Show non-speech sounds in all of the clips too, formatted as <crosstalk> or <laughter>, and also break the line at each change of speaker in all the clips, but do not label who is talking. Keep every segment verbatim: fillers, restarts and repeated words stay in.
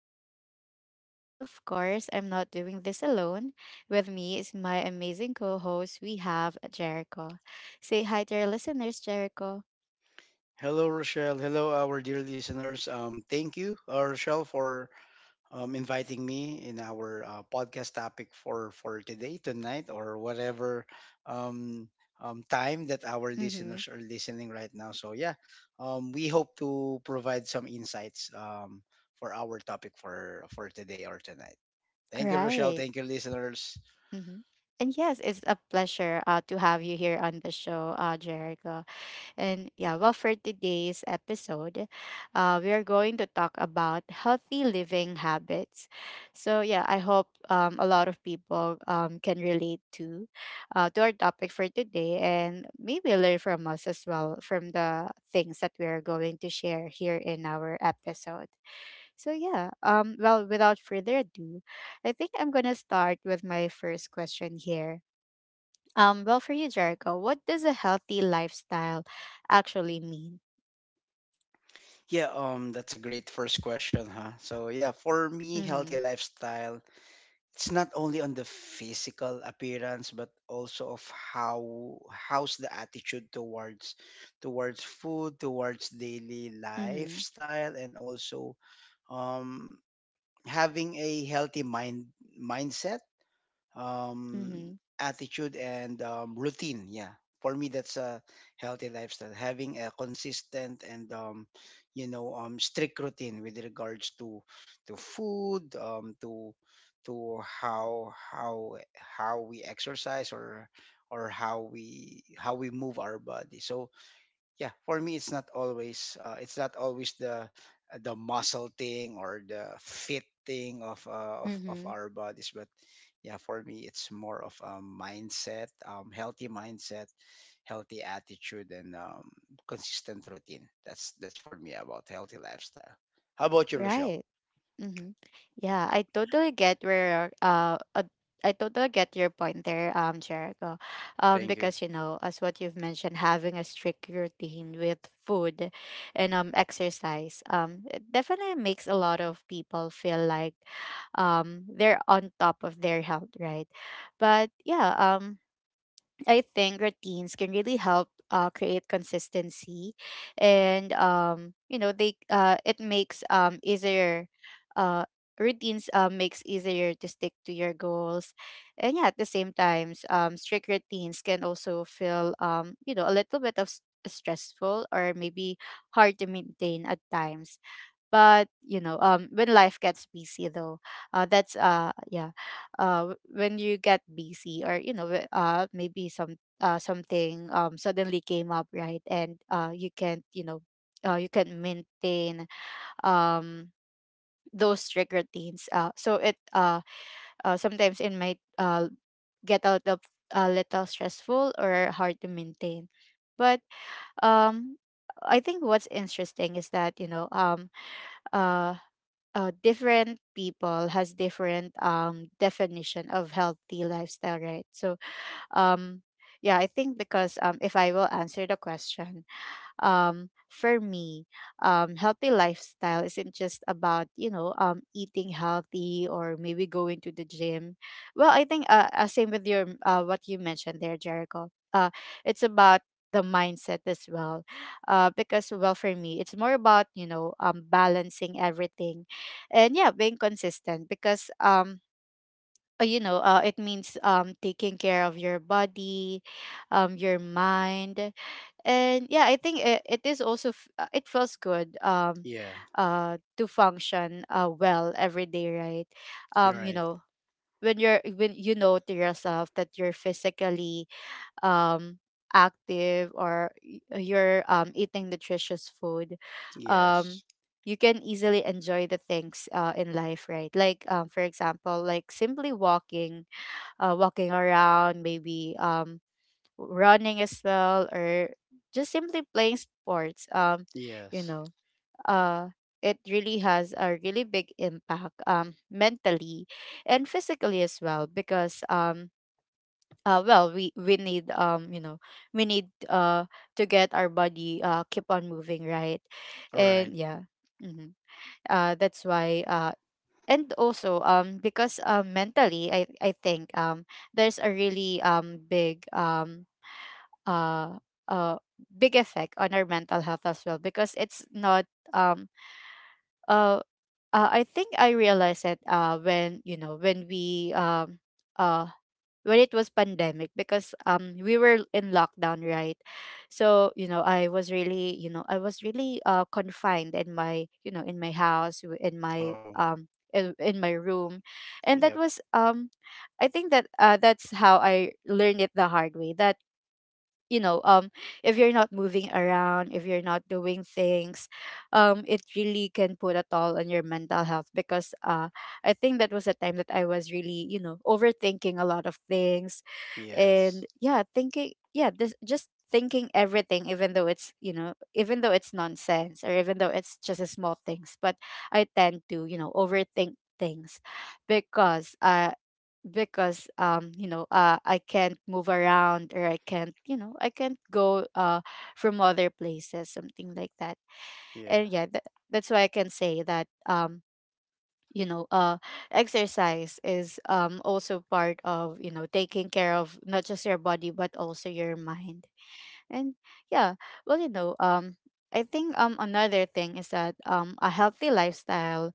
with you guys. And of course, I'm not doing this alone. With me is my amazing co host, we have Jericho. Say hi to our listeners, Jericho.
Hello, Rochelle. Hello, our dear listeners. Um, thank you, uh, Rochelle, for um, inviting me in our uh, podcast topic for for today, tonight, or whatever um, um, time that our
Mm-hmm.
listeners are listening right now. So yeah, um, we hope to provide some insights um, for our topic for for today or tonight.
All
Thank you, Rochelle.
right.
Thank you, listeners.
Mm-hmm. And yes, it's a pleasure uh, to have you here on the show, uh, Jericho. And yeah, well, for today's episode, uh, we are going to talk about healthy living habits. So yeah, I hope um, a lot of people um, can relate to uh, to our topic for today, and maybe learn from us as well from the things that we are going to share here in our episode. So yeah, um, well, without further ado, I think I'm gonna start with my first question here, um, well, for you, Jericho, what does a healthy lifestyle actually mean?
Yeah, um, that's a great first question, huh? So yeah, for me,
Mm-hmm.
healthy lifestyle, it's not only on the physical appearance but also of how how's the attitude towards towards food, towards daily
Mm-hmm.
lifestyle, and also um having a healthy mind mindset, um,
Mm-hmm.
attitude, and um, routine. Yeah, for me, that's a healthy lifestyle. Having a consistent and um, you know um, strict routine with regards to to food, um, to to how how how we exercise or or how we how we move our body. So yeah, for me, it's not always uh, it's not always the the muscle thing or the fit thing of uh, of of
Mm-hmm.
our bodies, but yeah, for me it's more of a mindset, um, healthy mindset, healthy attitude, and um, consistent routine. That's that's for me about healthy lifestyle. How about you, Rochelle?
Right. Mm-hmm. Yeah, I totally get where uh, uh I totally get your point there, um, Jericho. Um,
Thank you.
because you know, as what you've mentioned, having a strict routine with food and um exercise, um, it definitely makes a lot of people feel like um they're on top of their health, right? But yeah, um I think routines can really help uh, create consistency, and um, you know they uh, it makes um easier, uh routines uh, makes easier to stick to your goals, and yeah at the same times um strict routines can also feel, um you know, a little bit of s- stressful or maybe hard to maintain at times. But you know, um when life gets busy though, uh that's uh yeah uh w- when you get busy, or you know, wh- uh maybe some uh something um suddenly came up, right? And uh you can't, you know, uh you can maintain um those strict routines, uh so it uh, uh sometimes it might uh get out of a little stressful or hard to maintain. But um I think what's interesting is that, you know, um uh uh, different people has different um definition of healthy lifestyle, right? so um yeah, I think because um if I will answer the question, um, for me, um, healthy lifestyle isn't just about, you know, um, eating healthy or maybe going to the gym. Well, I think, uh, uh same with your, uh, what you mentioned there, Jericho. Uh, it's about the mindset as well, uh, because well, for me, it's more about, you know, um, balancing everything, and yeah, being consistent. Because um. uh, You know, uh, it means, um, taking care of your body, um, your mind, and yeah I think it, it is also f- uh, it feels good, um
Yeah.
uh to function uh well every day, right?
You're
um you
right.
know when you're, when you know to yourself that you're physically um active, or y- uh, you're um eating nutritious food, um
Yes.
you can easily enjoy the things uh, in life, right? Like um for example, like simply walking, uh walking around, maybe um running as well, or just simply playing sports. um you
Yes.
know uh it really has a really big impact, um mentally and physically as well, because um uh well, we we need, um you know we need uh to get our body uh keep on moving, right?
All
And
right.
yeah. Hmm. Uh that's why. Uh and also, um because um mentally, i i think um there's a really um big um uh, uh, big effect on our mental health as well. Because it's not, um uh, uh I think I realized it, uh when, you know, when we um uh when it was pandemic, because um we were in lockdown, right? So you know, I was really you know I was really uh confined in my, you know, in my house, w- in my
Oh,
um in, in my room. And that
yep.
was, um I think that uh that's how I learned it the hard way, that, you know, um if you're not moving around, if you're not doing things, um it really can put a toll on your mental health. Because uh I think that was a time that I was really, you know, overthinking a lot of things. And
Yes.
yeah, thinking, yeah, this just thinking everything, even though it's, you know, even though it's nonsense, or even though it's just a small things. But I tend to, you know, overthink things, because uh because um you know, uh I can't move around, or I can't, you know, I can't go, uh from other places, something like that.
Yeah.
And yeah, tha- that's why I can say that, um you know uh exercise is um also part of, you know, taking care of not just your body, but also your mind. And yeah. Well, you know, um I think um another thing is that um a healthy lifestyle,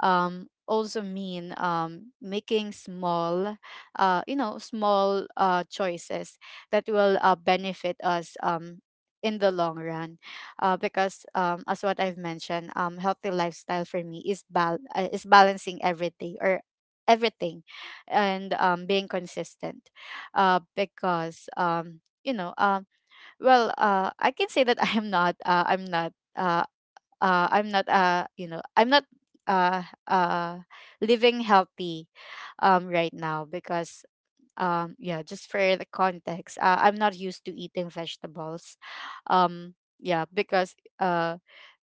um, also mean, um, making small, uh, you know, small uh, choices that will uh, benefit us, um, in the long run. Uh, because, um, as what I've mentioned, um, healthy lifestyle for me is bal- uh, is balancing everything or everything, and um, being consistent. Uh, because, um, you know, um, well, uh, I can say that <laughs> I am not. Uh, I'm not. Uh, uh i'm not uh you know I'm not uh uh living healthy um right now. Because um yeah, just for the context, uh, I'm not used to eating vegetables. um yeah because uh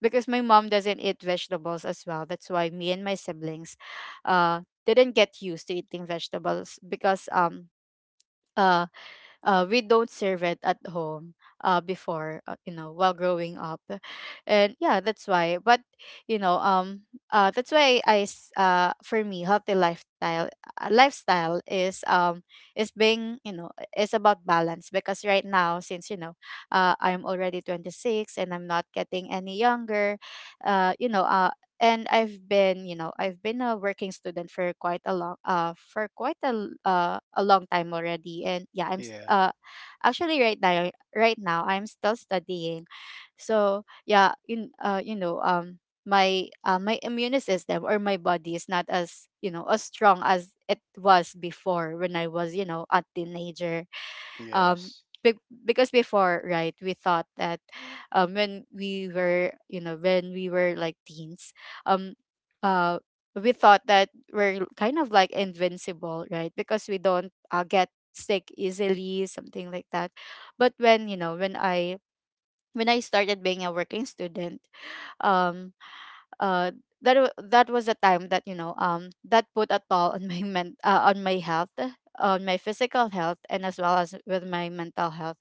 because my mom doesn't eat vegetables as well, that's why me and my siblings uh didn't get used to eating vegetables. Because um uh uh, we don't serve it at home uh, before, uh, you know, while growing up. And yeah, that's why. But you know, um uh, that's why i s- uh, for me healthy lifestyle uh, lifestyle is, um is being, you know, is about balance. Because right now since, you know, uh, I'm already twenty-six and I'm not getting any younger, uh, you know. And I've been, you know, I've been a working student for quite a long uh for quite a l- uh, a long time already. And yeah, I'm s-
Yeah.
uh actually right now right now I'm still studying. So yeah, in uh you know, um my uh, my immune system or my body is not as, you know, as strong as it was before when I was, you know, a teenager. um
Yes.
be- because before, right, we thought that, um when we were you know when we were like teens, um uh we thought that we're kind of like invincible, right? Because we don't uh, get sick easily, something like that. But when, you know, when i when I started being a working student, um uh that wa- that was a time that, you know, um that put a toll on <laughs> my men- uh, on my health, on my physical health and as well as with my mental health.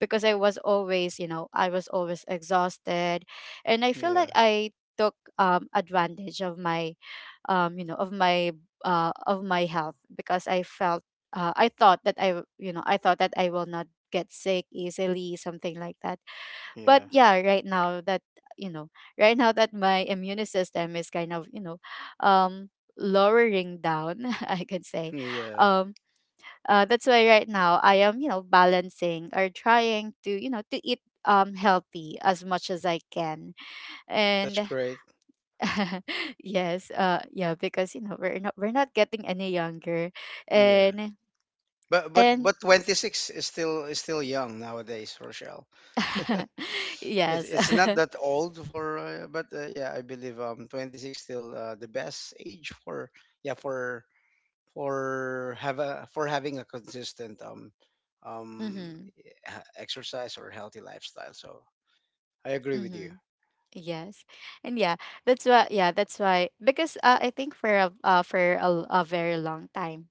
Because i was always you know I was always exhausted. And I feel
Yeah.
like I took um advantage of my, um you know of my uh of my health. Because I felt, uh, i thought that i w- you know I thought that I will not get sick easily, something like that. But
Yeah.
yeah, right now that, you know, right now that my immune system is kind of, you know, um lowering down, <laughs> I could say.
Yeah.
um uh, that's why right now I am, you know, balancing or trying to, you know, to eat um healthy as much as I can.
That's
And
great.
<laughs> yes. Uh yeah, because you know, we're not we're not getting any younger.
Yeah.
and
But but
and
but twenty-six is still is still young nowadays, Rochelle. <laughs>
<laughs>
It,
yes.
it's not that
<laughs>
old for, uh, but uh, yeah, I believe um twenty-six, still uh, the best age for yeah for for have a for having a consistent um um
Mm-hmm,
e- ha- exercise or healthy lifestyle. So I agree with you.
mm-hmm. Yes. And yeah, that's why, yeah, that's why. Because uh, I think for a, uh, for a, l- a very long time.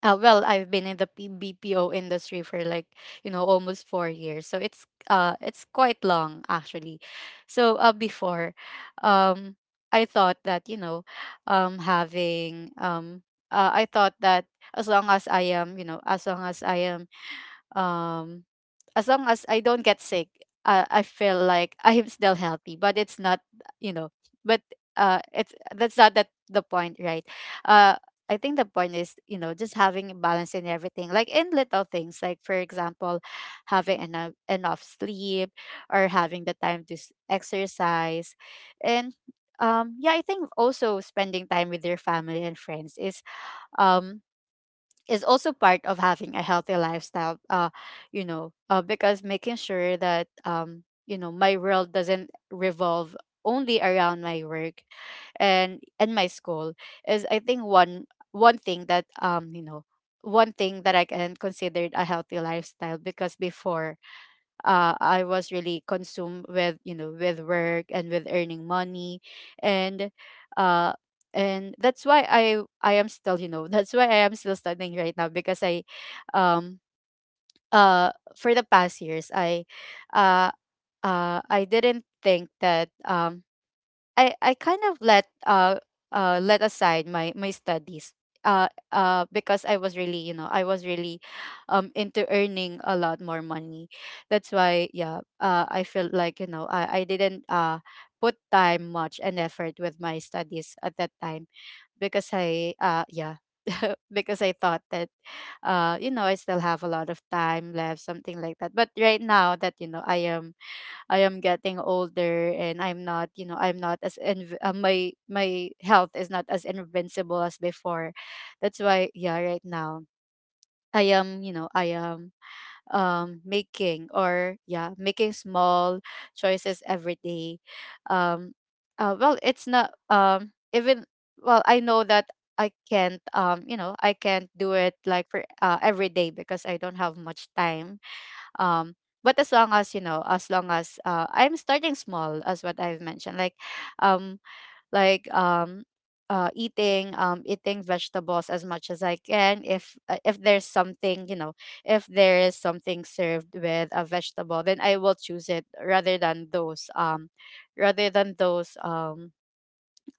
Uh, well, I've been in the P B P O industry for, like, you know, almost four years. So it's uh it's quite long actually. So uh before, um I thought that, you know, um having um uh, I thought that as long as I am, you know, as long as I am, um, as long as I don't get sick, I, I feel like <laughs> I am still healthy. But it's not, you know, but uh, it's that's not that the point, right? Uh, I think the point is, you know, just having a balance in everything, like in little things, like for example, having enough enough sleep or having the time to s- exercise, and um, yeah, I think also spending time with your family and friends is um is also part of having a healthy lifestyle uh you know, uh, because making sure that um you know, my world doesn't revolve only around my work and and my school is, I think, one one thing that um you know, one thing that I can consider a healthy lifestyle. Because before, uh, I was really consumed with, you know, with work and with earning money, and uh, and that's why I I am still, you know, <laughs> that's why I am still studying right now because I, um uh for the past years I, uh uh I didn't think that um I I kind of let uh uh let aside my my studies uh uh because I was really, you know, I was really um into earning a lot more money. That's why, yeah, uh I felt like, you know, I I didn't uh put time much and effort with my studies at that time because I uh yeah, <laughs> because I thought that, uh you know, I still have a lot of time left, something like that. But right now that, you know, I am I am getting older and I'm not, you know, I'm not as inv- uh, my my health is not as invincible as before. That's why, yeah, right now I am, you know, I am um making, or yeah, making small choices every day. Um uh, well, it's not um even, well, I know that I can't, um you know, I can't do it like for, uh, every day because I don't have much time, um but as long as, you know, as long as uh, I'm starting small, as what I've mentioned, like um like um uh, eating, um eating vegetables as much as I can. If uh, if there's something, you know, if there is something served with a vegetable, then I will choose it rather than those um rather than those um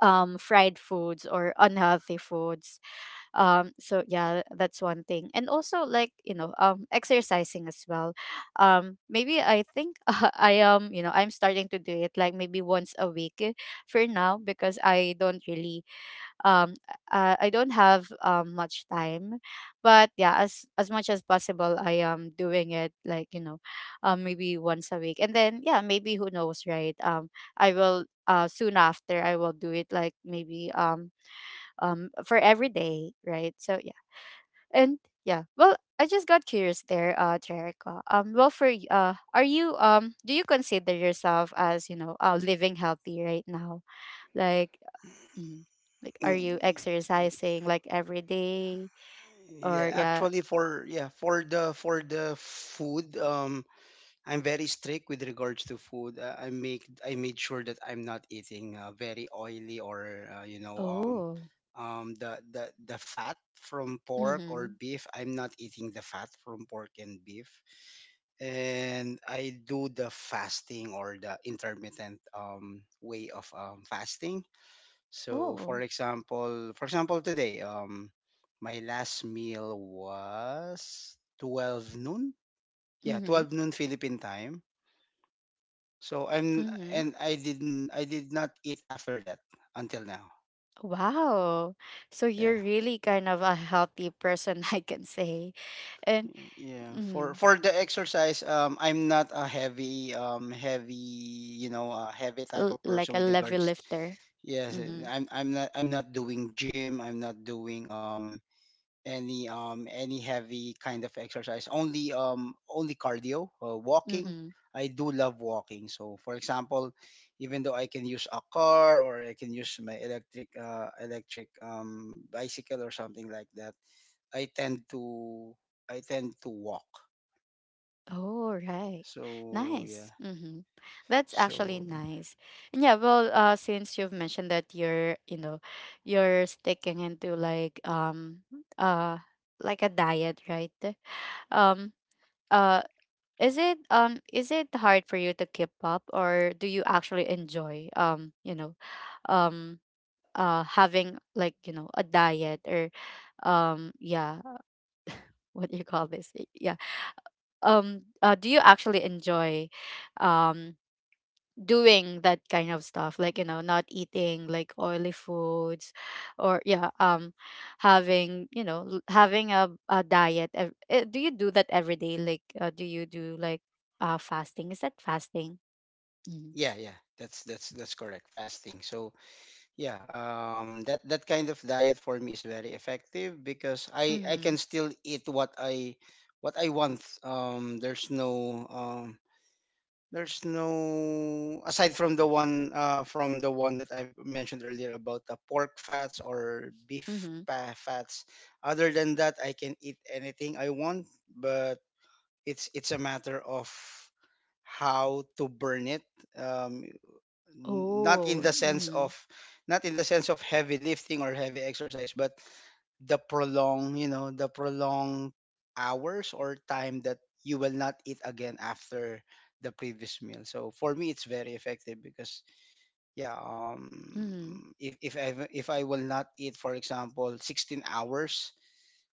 um fried foods or unhealthy foods. Um so yeah, that's one thing, and also, like, you know, um exercising as well. Um maybe, I think, <laughs> I am, you know, I'm starting to do it like maybe once a week, eh, for now because I don't really um uh, I don't have um much time, but yeah, as as much as possible, I am doing it, like, you know, um maybe once a week, and then, yeah, maybe who knows, right? um I will, uh soon after, I will do it like maybe um um for every day, right? So and yeah, well, I just got curious there, uh, Jericho. Um, well, for y- uh, are you, um, do you consider yourself as, you know, uh, living healthy right now? Like, mm, like, are you
Mm,
exercising like every day
Yeah,
or yeah?
actually for yeah, for the for the food, um I'm very strict with regards to food. Uh, I make I made sure that I'm not eating uh, very oily or uh, you know um
Oh,
um the the the fat from pork or
mm-hmm.
beef. I'm not eating the fat from pork and beef. And I do the fasting or the intermittent um way of um fasting. So for
Oh,
example, for example today, um, my last meal was twelve noon. Yeah,
mm-hmm.
twelve noon Philippine time. So I'm
Mm-hmm.
and I didn't I did not eat after that until now.
Wow. So you're
Yeah.
really kind of a healthy person, <laughs> I can say, and
Y- Yeah, for
mm,
for the exercise, um, I'm not a heavy, um, heavy, you know, a heavy
a
type
l-
of person
like a
with
level
regards.
lifter.
Yes,
Mm-hmm.
I'm I'm not I'm not doing gym. I'm not doing um any um any heavy kind of exercise, only um only cardio, uh, walking.
Mm-hmm.
I do love walking. So for example, even though I can use a car or I can use my electric uh, electric um bicycle or something like that, i tend to I tend to walk.
Oh, right.
So yeah.
Nice. Mm-hmm. That's actually
so
nice. And yeah, well, uh, since you've mentioned that you're, you know, you're sticking into like, um uh like, a diet, right? Um uh is it, um is it hard for you to keep up, or do you actually enjoy, um, you know, um uh having, like, you know, a diet, or um yeah, <laughs> what do you call this? Yeah. Um uh do you actually enjoy um doing that kind of stuff, like, you know, not eating like oily foods or yeah, um having, you know, l- having a, a diet, ev- eh, do you do that every day? Like, uh, do you do like uh fasting? Is that fasting? Mm-hmm.
yeah yeah that's that's that's correct, fasting. So yeah, um, that that kind of diet for me is very effective because I I
Mm-hmm.
can still eat what I what I want. Um, there's no um, there's no, aside from the one, uh, from the one that I've mentioned earlier about the pork fats or beef
Mm-hmm.
pa- fats. Other than that, I can eat anything I want, but it's it's a matter of how to burn it. Um, not in
Oh,
the sense
mm-hmm.
of Not in the sense of heavy lifting or heavy exercise, but the prolong, you know, the prolonged hours or time that you will not eat again after the previous meal. So for me, it's very effective because yeah, um,
Mm-hmm.
if if I if I will not eat, for example, sixteen hours,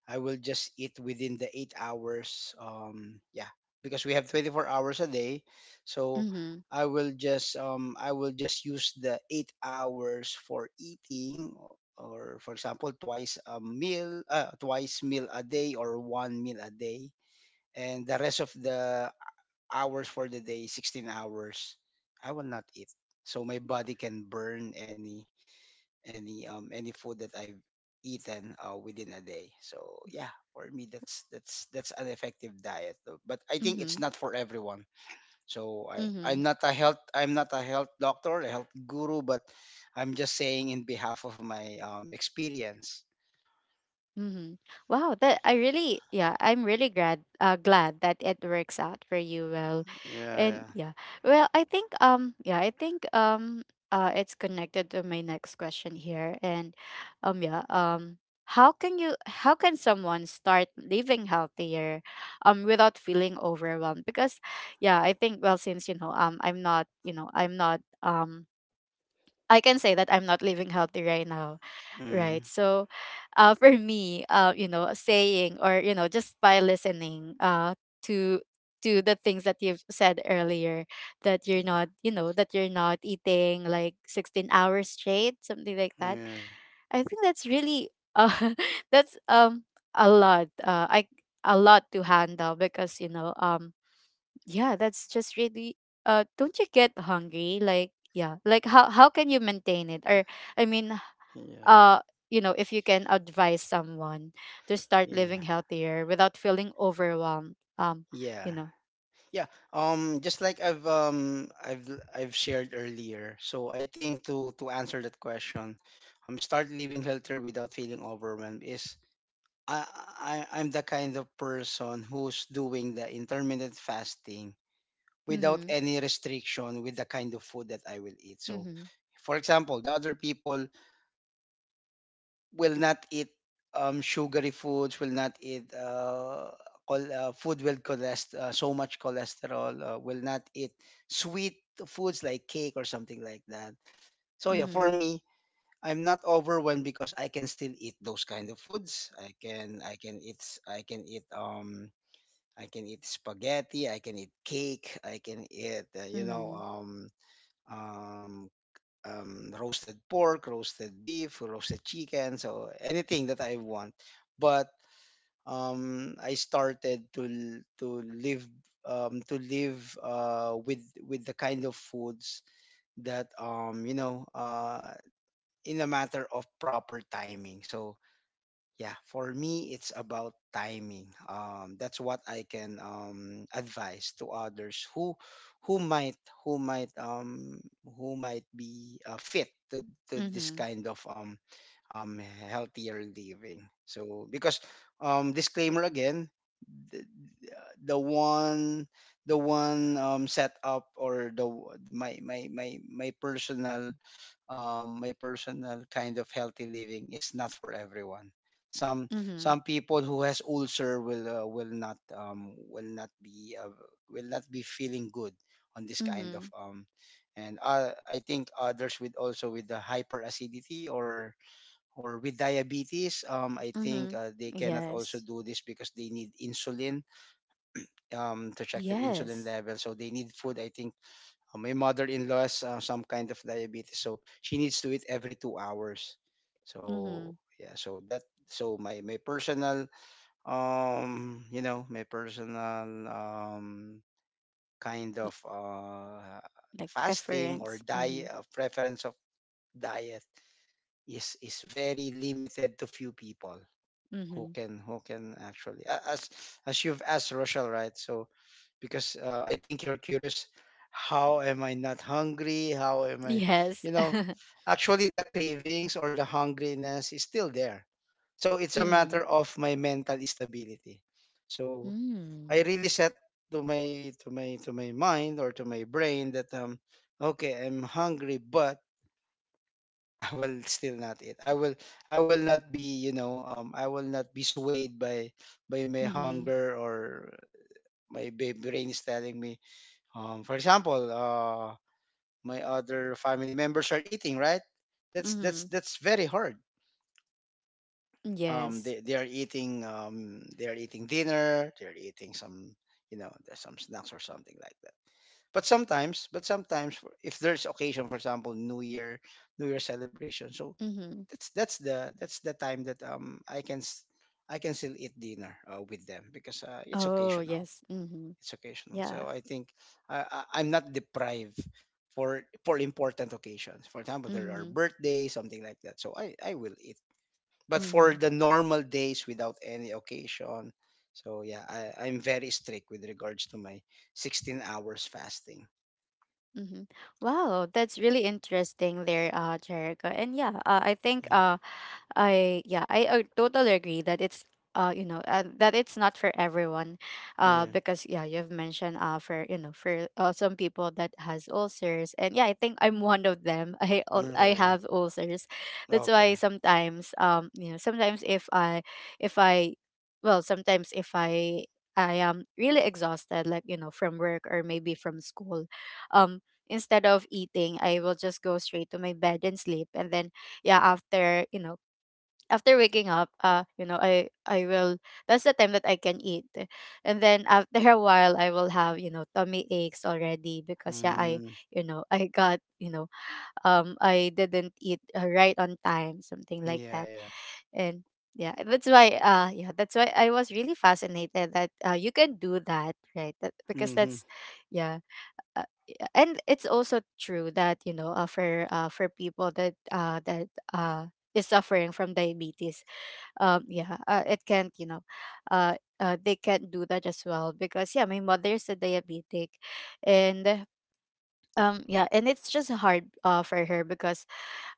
I will just eat within the eight hours. Um, yeah, because we have twenty-four hours a day, so
Mm-hmm.
I will just um, I will just use the eight hours for eating, o- or for example, twice a meal, uh, twice meal a day, or one meal a day, and the rest of the hours for the day, sixteen hours, I will not eat, so my body can burn any any um any food that I've eaten uh, within a day. So yeah, for me that's that's that's an effective diet, though. But I think it's
Mm-hmm.
not for everyone. So I
Mm-hmm.
I'm not a health I'm not a health doctor, a health guru, but I'm just saying in behalf of my um experience.
Mm-hmm. Wow, that I really, yeah, I'm really glad, uh, glad that it works out for you well, and
Yeah,
yeah, well, I think, um, yeah, I think, um, uh, it's connected to my next question here, and, um, yeah, um, how can you, how can someone start living healthier, um, without feeling overwhelmed? Because, yeah, I think, well, since, you know, um, I'm not, you know, I'm not, um I can say that I'm not living healthy right now.
yeah. Mm,
Right. So, uh, for me, uh, you know, saying, or, you know, just by listening, uh, to to the things that you've said earlier, that you're
yeah.
not, you know, that you're not eating like sixteen hours straight, something like that.
Yeah.
I think that's really, uh, <laughs> that's um a lot. Uh, I A lot to handle because, you know, um yeah, that's just really uh don't you get hungry? Like, yeah, like, how how can you maintain it? Or I mean,
Yeah.
uh you know, if you can advise someone to start
Yeah.
living healthier without feeling overwhelmed, um,
Yeah.
you know.
Yeah, um, just like I've um I've I've shared earlier. So I think to to answer that question, um, start living healthier without feeling overwhelmed is, I I I'm the kind of person who's doing the intermittent fasting without
Mhm.
any restriction with the kind of food that I will eat. So,
Mhm.
for example, the other people will not eat um, sugary foods, will not eat uh, col- uh, food with cholest- uh, so much cholesterol, uh, will not eat sweet foods like cake or something like that. So yeah, for
Mhm.
me, I'm not overwhelmed because I can still eat those kind of foods. I can I can eat s- I can eat um I can eat spaghetti, I can eat cake, I can eat, uh, you know
Mhm.
um um um, roasted pork, roasted beef, roasted chicken, so anything that I want. But um, I started to l- to live um, to live uh, with with the kind of foods that um, you know uh, in a matter of proper timing. So yeah, for me, it's about timing. Um, that's what I can, um, advise to others who who might who might um, who might be uh, fit to, to this
Mhm.
kind of um, um, healthier living. So because um, disclaimer again, the, the one the one, um, setup, or the w- my my my my personal, um, my personal kind of healthy living is not for everyone. Some
Mhm.
some people who has ulcer will uh, will not um, will not be uh, will not be feeling good on this kind of
Mhm.
um, and uh, I think others with, also with the hyperacidity or or with diabetes, um, I think
Mhm.
uh, they cannot also
Yes.
do this because they need insulin, um, to check their insulin
Yes.
level, so they need food. I think, uh, my mother-in-law has uh, some kind of diabetes, so she needs to eat every two hours. So
Mhm.
yeah, so that, so my my personal, um you know my personal um kind of, uh
Like
fasting or
preference.
diet,
Mhm.
uh, preference of diet, is is very limited to few people who
Mhm.
can who can actually, a- as as you've asked, Rochelle, right? So because uh, I think you're curious, how am I not hungry? How am I,
Yes.
you know,
<laughs>
actually the cravings or the hungriness is still there. So it's a matter
Mhm.
of my mental stability. So I
Mm.
really set to my to my to my mind, or to my brain, that um okay, I'm hungry, but I will still not eat. I will I will not be, you know, um I will not be swayed by by my
Mhm.
hunger, or my ba- brain is telling me. Um for example, uh my other family members are eating, right? That's that's
Mhm.
that's very hard. Um
Yes.
they, they are eating, um they are eating dinner, they're eating some, you know, there's some snacks or something like that. But sometimes, but sometimes for- if there's occasion, for example, New Year, New Year celebration. So
Mm-hmm.
that's that's the that's the time that um I can s- I can still eat dinner uh, with them because uh, it's
Oh,
occasional.
yes. Mm-hmm.
It's occasional.
Yeah.
So I think I, I I'm not deprived for for important occasions. For example, there are
Mm-hmm.
birthdays, something like that. So I I will eat. But
Mm-hmm.
for the normal days without any occasion, so yeah, I, I'm very strict with regards to my sixteen hours fasting.
Mm-hmm. Wow, that's really interesting there, uh, Jericho. And yeah, uh, I think
Yeah.
uh, I yeah, I, uh totally agree that it's uh you know, uh, that it's not for everyone, uh
Yeah.
because yeah, you've mentioned, uh for, you know, for, uh, some people that has ulcers, and yeah, I think I'm one of them. <laughs> I al- I
Yeah.
have ulcers, that's
Okay.
why sometimes, um you know, sometimes if I if I well, sometimes if I, I am really exhausted, like, you know, from work or maybe from school, um instead of eating I will just go straight to my bed and sleep, and then yeah, after, you know, after waking up, uh, you know, I I will, that's the time that I can eat. And then after a while I will have, you know, tummy aches already because yeah, I
Mm,
you know, I got, you know, um I didn't eat, uh, right on time, something like
yeah.
that.
Yeah.
And yeah, that's why, uh yeah, that's why I was really fascinated that, uh, you can do that, right? That, because
Mm-hmm.
that's, yeah, uh, yeah, and it's also true that, you know, uh, for, uh, for people that, uh that uh is suffering from diabetes, um yeah, uh, it can't, you know, uh, uh they can't do that as well, because yeah, my mother is a diabetic, and um yeah, and it's just hard, uh for her, because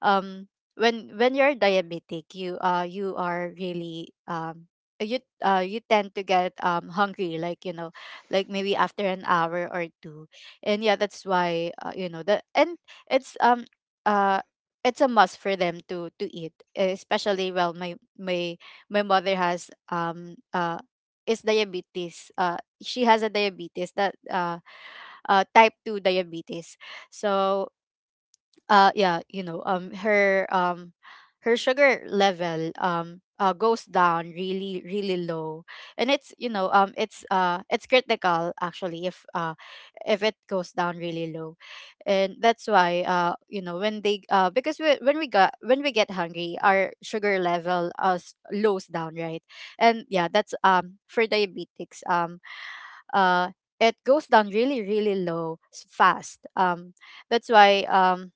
um when when you're diabetic you, uh you are really, um you uh you tend to get um hungry, like, you know, like maybe after an hour or two, and yeah, that's why, uh, you know, that, and it's um uh it's a must for them to to eat, especially, well, my my my mother has um uh is diabetes, uh she has a diabetes that uh uh type two diabetes, so uh yeah, you know, um her um her sugar level, um uh, goes down really really low, and it's, you know, um it's, uh it's critical actually if, uh if it goes down really low. And that's why, uh you know, when they, uh because we, when we got when we get hungry our sugar level, uh s- lows down, right? And yeah, that's um for diabetics, um uh it goes down really really low, s- fast, um that's why, um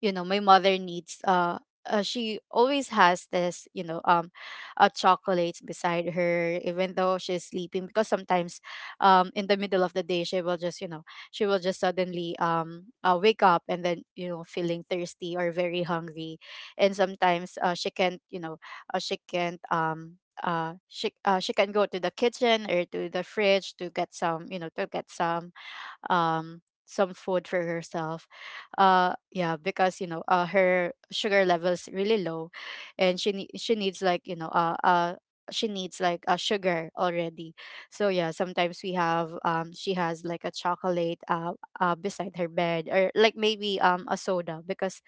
you know, my mother needs, uh, uh she always has this, you know, um uh, chocolates beside her, even though she's sleeping, because sometimes, um in the middle of the day she will just, you know, she will just suddenly, um uh, wake up, and then, you know, feeling thirsty or very hungry, and sometimes, uh, she can't, you know, uh, she can't, um uh she uh, she can go to the kitchen or to the fridge to get some, you know, to get some um some food for herself, uh yeah, because you know, uh, her sugar levels really low, and she nee- she needs like, you know, uh, uh she needs like a sugar already, so yeah, sometimes we have, um she has like a chocolate, uh, uh beside her bed, or like maybe um a soda, because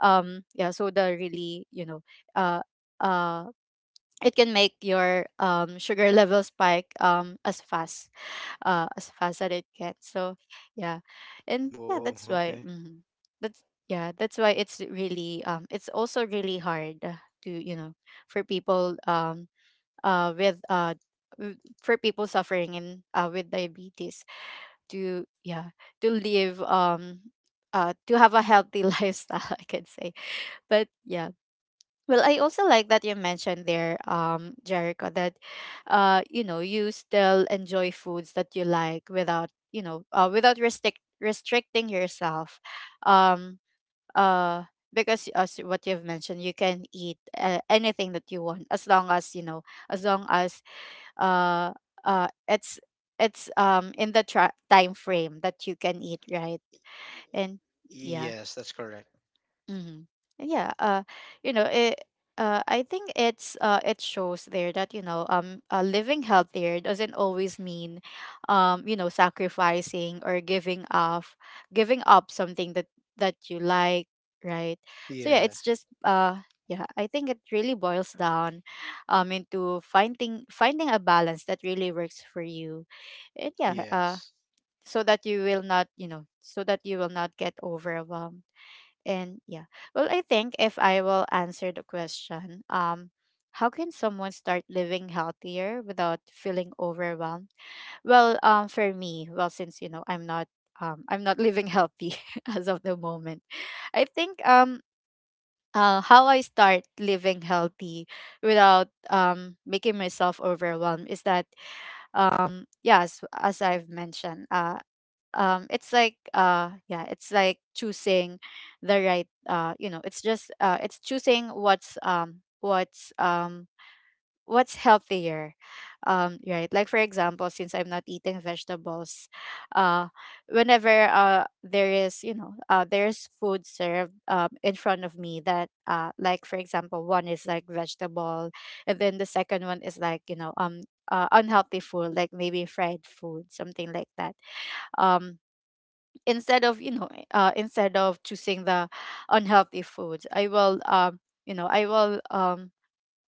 um yeah, soda really, you know, uh uh it can make your um sugar <laughs> level spike um as fast, uh, as fast as it gets. So yeah, and yeah,
Whoa.
that's why.
Okay.
Mhm. That's, yeah, that's why it's really, um, it's also really hard, uh, to you know, for people, um uh with, uh w- for people suffering in, uh with diabetes, to yeah, to live, um uh to have a healthy <laughs> lifestyle, I can say. But yeah. Well, I also like that you mentioned there, um, Jericho, that, uh, you know, you still enjoy foods that you like without, you know, uh, without restrict restricting yourself. Um, uh, because as what you've mentioned, you can eat, uh, anything that you want, as long as, you know, as long as, uh, uh, it's it's um in the tra- time frame that you can eat, right? And yeah.
Yes, that's correct.
Mm-hmm. Yeah. Uh, you know, it. Uh, I think it's, uh, it shows there that, you know, um uh, living healthier doesn't always mean, um you know, sacrificing or giving off, giving up something that that you like, right? So yeah,
Yeah.
it's just uh yeah, I think it really boils down, um into finding finding a balance that really works for you, and yeah uh
Yes.
so that you will not you know so that you will not get overwhelmed. And yeah, well, I think if I will answer the question, um, how can someone start living healthier without feeling overwhelmed? Well, um, for me, well, since you know I'm not, um, I'm not living healthy <laughs> as of the moment. I think um, uh, how I start living healthy without um making myself overwhelmed is that um, yeah, as, as I've mentioned, uh, um it's like uh yeah, it's like choosing the right uh you know it's just uh it's choosing what's um what's um what's healthier, um right? Like for example, since I'm not eating vegetables, uh whenever uh there is you know uh there's food served um in front of me that uh like for example one is like vegetable, and then the second one is like you know um uh, unhealthy food, like maybe fried food, something like that. um Instead of you know uh, instead of choosing the unhealthy foods, I will um you know I will um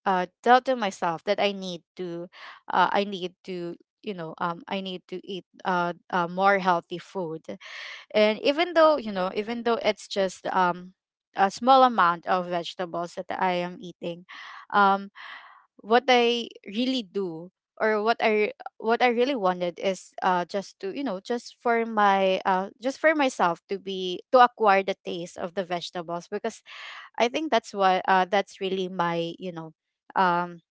uh tell to myself that I need to uh, I need to you know um I need to eat uh, uh more healthy food. And even though you know even though it's just um a small amount of vegetables that I am eating, um what I really do or what I, what I really wanted is uh just to you know just for my uh just for myself to be to acquire the taste of the vegetables, because I think that's what uh that's really my you know um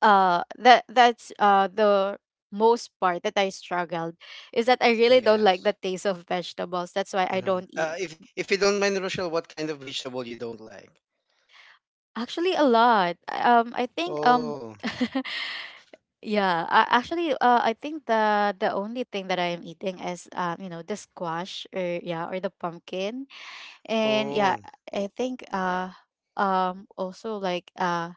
uh that that's uh the most part that I struggled, is that I really don't like the
Yes.
taste of vegetables, that's why I
Uh-huh.
don't eat.
Uh, if if you don't mind, Rochelle, what kind of vegetable you don't like?
Actually, a lot. I- Um, I think um,
Oh,
<laughs> yeah. Uh, actually, uh, I think the the only thing that I am eating is um, you know, the squash, or yeah, or the pumpkin, and yeah,
oh,
I think uh, um, also like uh,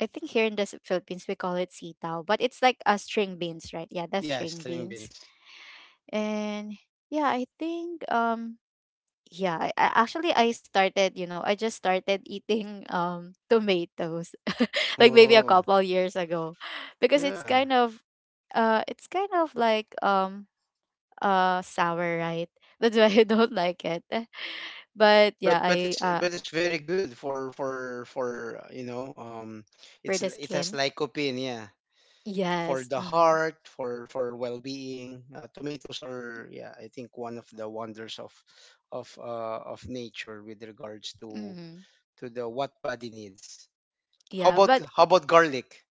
I think here in the S- Philippines we call it sitaw, but it's like uh, string beans, right? Yeah, that's
yeah,
string
string
beans,
beans.
and yeah, I think um yeah I, I- actually I started you know I just started eating um tomatoes <laughs> like maybe a
Oh,
couple years ago, because it's
yeah.
kind of uh it's kind of like um uh sour, right? <laughs> That's why I don't like it. <laughs> But yeah,
But but
I
it's
uh
but it's very good for for for uh, you know um
for
it's,
the
it has
skin.
lycopene, yeah, for
Yes,
the
mm-hmm,
heart, for for well-being. Uh, tomatoes are yeah, I think one of the wonders of of uh of nature with regards to
mm-hmm.
to the what body needs. How
Yeah,
about
but.
how about garlic?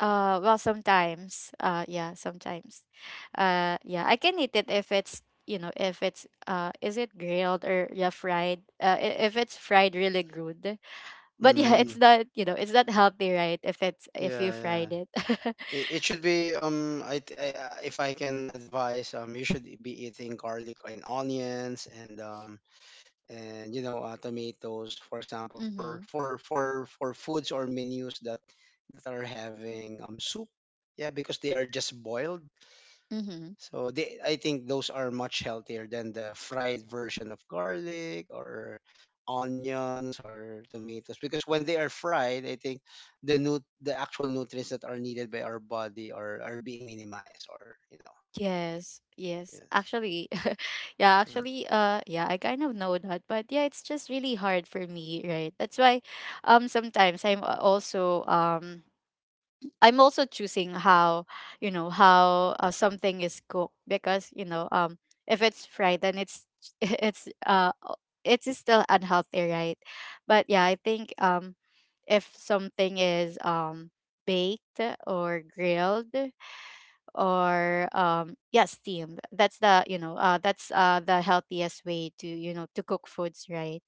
Uh, well, sometimes. Uh, yeah, sometimes. Uh, yeah, I can eat it if it's you know if it's uh is it grilled, or yeah, fried. Uh, i- if it's fried, really good. But yeah, it's
Mm,
not you know it's not healthy, right? If it's if you
yeah, yeah.
fried it. <laughs>
It, it should be um I, th- I I- if I can advise, um you should be eating garlic and onions, and um and you know, uh, tomatoes, for example, for
Mm-hmm.
for for for foods or menus that that are having um soup. Yeah, because they are just boiled.
Mm-hmm.
So they, I think those are much healthier than the fried version of garlic or onions or tomatoes, because when they are fried, I think the nu- the actual nutrients that are needed by our body are are being minimized, or you know.
Yes.
Yeah.
Yes. Actually, <laughs> yeah.
Mm.
Actually, uh, yeah. I kind of know that, but yeah, it's just really hard for me, right? That's why, um, sometimes I'm a- also um I'm also choosing how you know how uh, something is cooked, because you know um if it's fried then it's <laughs> it's uh o- it is still unhealthy, right? But yeah, I think um if something is um baked or grilled or um yeah, steamed, that's the you know uh that's uh the healthiest way to you know to cook foods, right?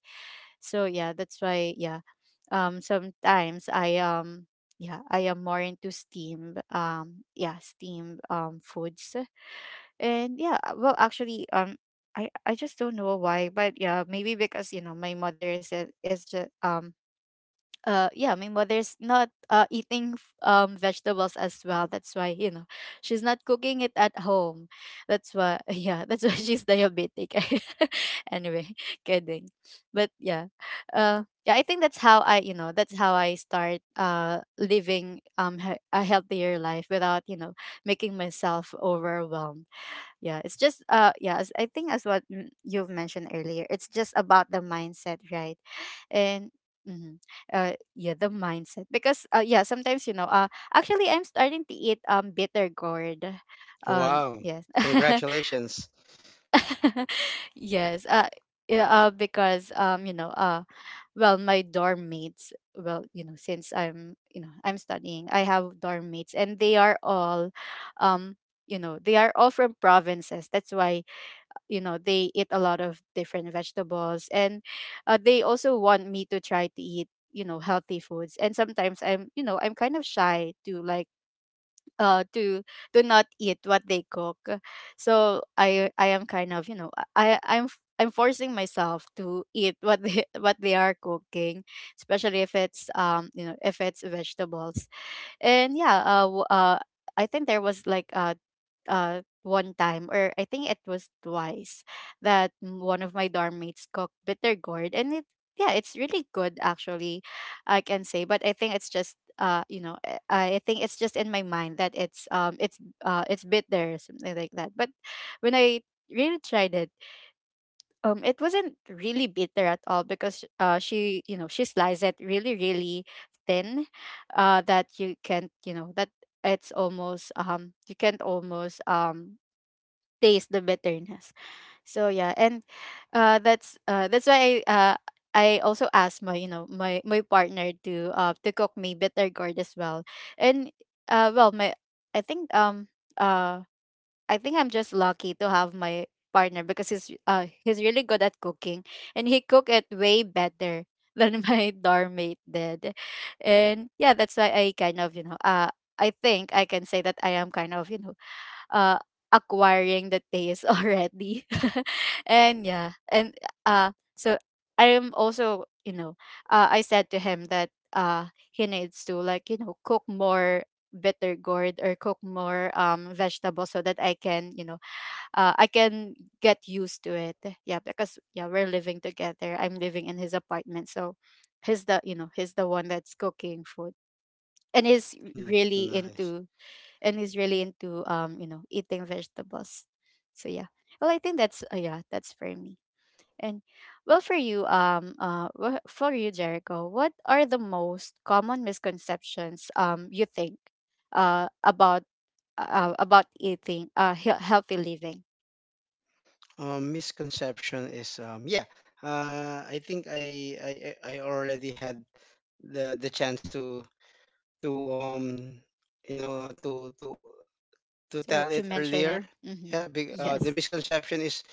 So yeah, that's why, yeah, um sometimes I um yeah, I am more into steam um yeah, steam um foods. And yeah uh, well actually um i i just don't know why, but yeah, maybe because you know my mother is a- is just um uh yeah, my mother's not uh eating f- um vegetables as well, that's why you know she's not cooking it at home, that's why <laughs> yeah, that's why she's diabetic. <laughs> Anyway, <laughs> kidding. But yeah, uh yeah, I think that's how I, you know that's how I start uh living um he- a healthier life without you know making myself overwhelmed. Yeah, it's just uh yeah, as I think as what, mm, you've mentioned earlier, it's just about the mindset, right? And mhm, uh yeah, the mindset, because uh yeah, sometimes, you know, uh actually I'm starting to eat um bitter gourd. Um
Wow.
yes.
Congratulations.
<laughs> Yes. Uh yeah, uh, because um you know, uh well, my dorm mates, well, you know, since I'm, you know, I'm studying, I have dorm mates, and they are all um you know, they are all from provinces, that's why, you know, they eat a lot of different vegetables. And uh, they also want me to try to eat, you know, healthy foods, and sometimes I'm, you know, I'm kind of shy to like uh to to not eat what they cook. So i i am kind of, you know, i i'm f- I'm forcing myself to eat what they <laughs> what they are cooking, especially if it's um you know, if it's vegetables. And yeah, uh, w- uh I think there was like uh uh one time, or I think it was twice, that m- one of my dorm mates cooked bitter gourd, and it, yeah, it's really good actually, I can say. But I think it's just uh you know, uh, I think it's just in my mind that it's um it's uh it's bitter, something like that. But when I really tried it, um it wasn't really bitter at all, because uh she, you know, she sliced it really, really thin, uh that you can't, you know, that it's almost um you can't almost um taste the bitterness. So yeah, and uh, that's uh, that's why I uh, I also asked my, you know, my my partner to uh to cook me bitter gourd as well. And uh well, my, I think um uh I think I'm just lucky to have my partner, because he's uh he's really good at cooking, and he cook it way better than <laughs> my dorm mate did. And yeah, that's why I kind of, you know, uh I think I can say that I am kind of, you know, uh acquiring the taste <laughs> already. <laughs> And yeah, and uh so I am also, you know, uh I said to him that uh he needs to like, you know, cook more better gourd, or cook more um vegetables, so that I can, you know, uh, I can get used to it. Yeah, because yeah, we're living together. I'm living in his apartment, so he's the, you know, he's the one that's cooking food. And is
Mm,
really
nice.
into, and is really into um you know, eating vegetables. So yeah, well, I think that's uh, yeah, that's for me. And well, for you, um, uh, wha- for you, Jericho, what are the most common misconceptions um you think, uh, about, uh, about eating, uh, he- healthy living?
Um, misconception is um yeah. Uh, I think I I I I already had the the chance to to um you know to to to
So, like
tell
to
it
mention it.
earlier.
Mm-hmm.
Yeah, big, uh, the
Yes.
misconception is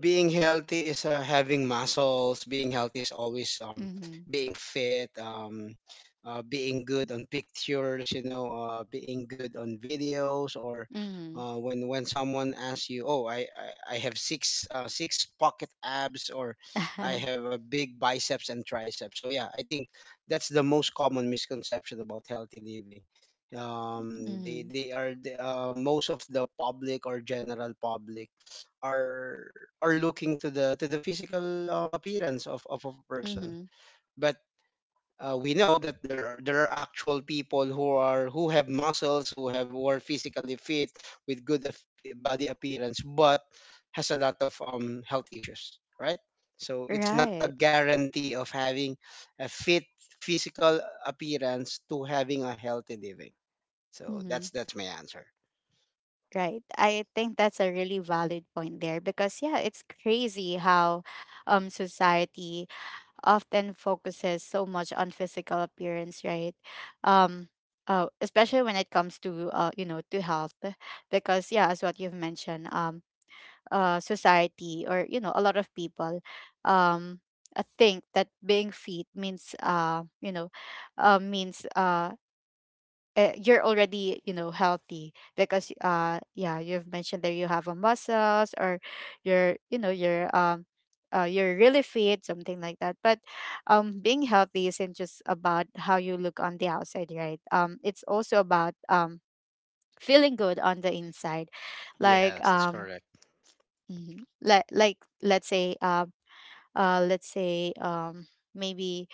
being healthy is uh, having muscles, being healthy is always um
Mm-hmm.
being fit um uh, being good on pictures, you know uh, being good on videos, or
Mm-hmm.
uh, when when someone asks you, oh, i i, I have six uh, six pocket abs, or I
<laughs>
have a big biceps and triceps. So yeah, I think that's the most common misconception about healthy living. um they
Mm-hmm.
they are the, uh, most of the public, or general public, are are looking to the to the physical um, appearance of, of a person.
Mm-hmm.
But uh, we know that there are there are actual people who are who have muscles, who have, who are physically fit with good af- body appearance, but has a lot of um, health issues, right? So it's not
Right.
a guarantee of having a fit physical appearance to having a healthy living. So
Mm-hmm.
that's that's my answer.
Right. I think that's a really valid point there, because yeah, it's crazy how, um, society often focuses so much on physical appearance, right? Um, uh, especially when it comes to uh, you know, to health, because yeah, as what you've mentioned, um, uh, society, or you know, a lot of people, um, uh, think that being fit means uh, you know, uh, means uh uh, you're already, you know, healthy, because uh yeah, you've mentioned that you have a muscles, or you're, you know, you're um uh, you're really fit, something like that. But um being healthy isn't just about how you look on the outside, right? um it's also about um feeling good on the inside, like
Yes, that's
um
correct.
mhm, like like let's say um uh, let's say um maybe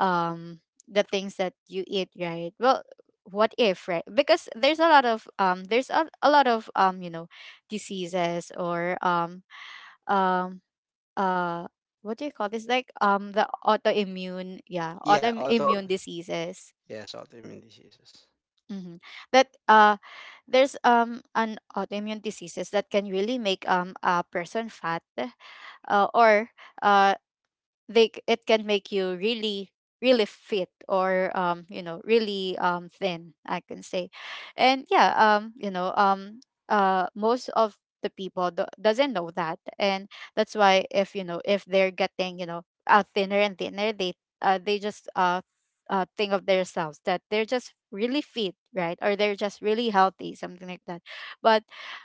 um the things that you eat, right? Well, what if, right? Because there's a lot of um there's a, a lot of um you know, diseases or um um uh what do you call this, like um the autoimmune, yeah,
Yeah,
autoimmune
auto.
diseases.
Yes, autoimmune diseases.
Hmm, that uh there's um an autoimmune diseases that can really make um a person fat, uh, or uh they c- it can make you really, really fit, or um you know, really um thin, I can say. And yeah, um you know, um uh most of the people do- doesn't know that. And that's why, if you know, if they're getting, you know, uh, thinner and thinner, they uh, they just uh uh, think of themselves that they're just really fit, right? Or they're just really healthy, something like that. But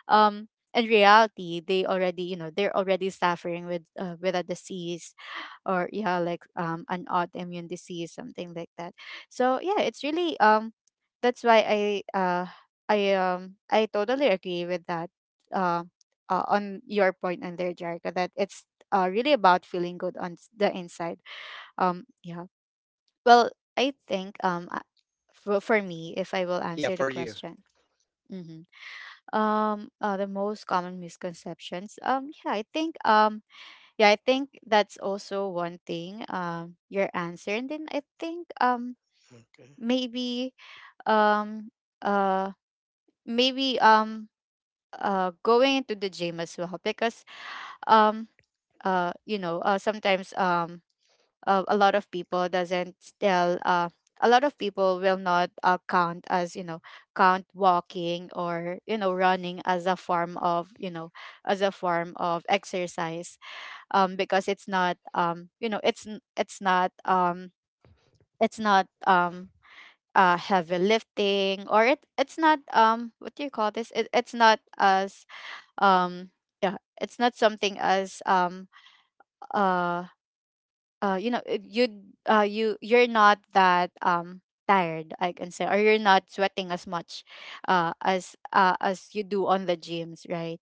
um in reality they already, you know, they're already suffering with uh, with a disease, or yeah, like um an autoimmune disease, something like that. So yeah, it's really um that's why i uh i um I totally agree with that, uh, uh on your point on there, Jerica, that it's uh really about feeling good on s- the inside. um yeah, well, I think um uh, for, for me, if I will answer
Yeah,
the
for you.
question, hmm, um uh, the Most common misconceptions, um yeah I think um yeah, I think that's also one thing, um, your answer. And then I think um
Okay.
maybe um uh maybe um uh going into the gym as well, because um uh you know uh sometimes um uh, a lot of people doesn't still uh a lot of people will not uh, count, as you know count walking or you know running as a form of, you know as a form of exercise, um, because it's not um, you know it's n- it's not um, it's not um, uh, heavy lifting, or it it's not, um, what do you call this? It, it's not as, um, yeah, it's not something as, um, uh, uh you know you uh you you're not that um tired, I can say, or you're not sweating as much uh as uh, as you do on the gyms, right?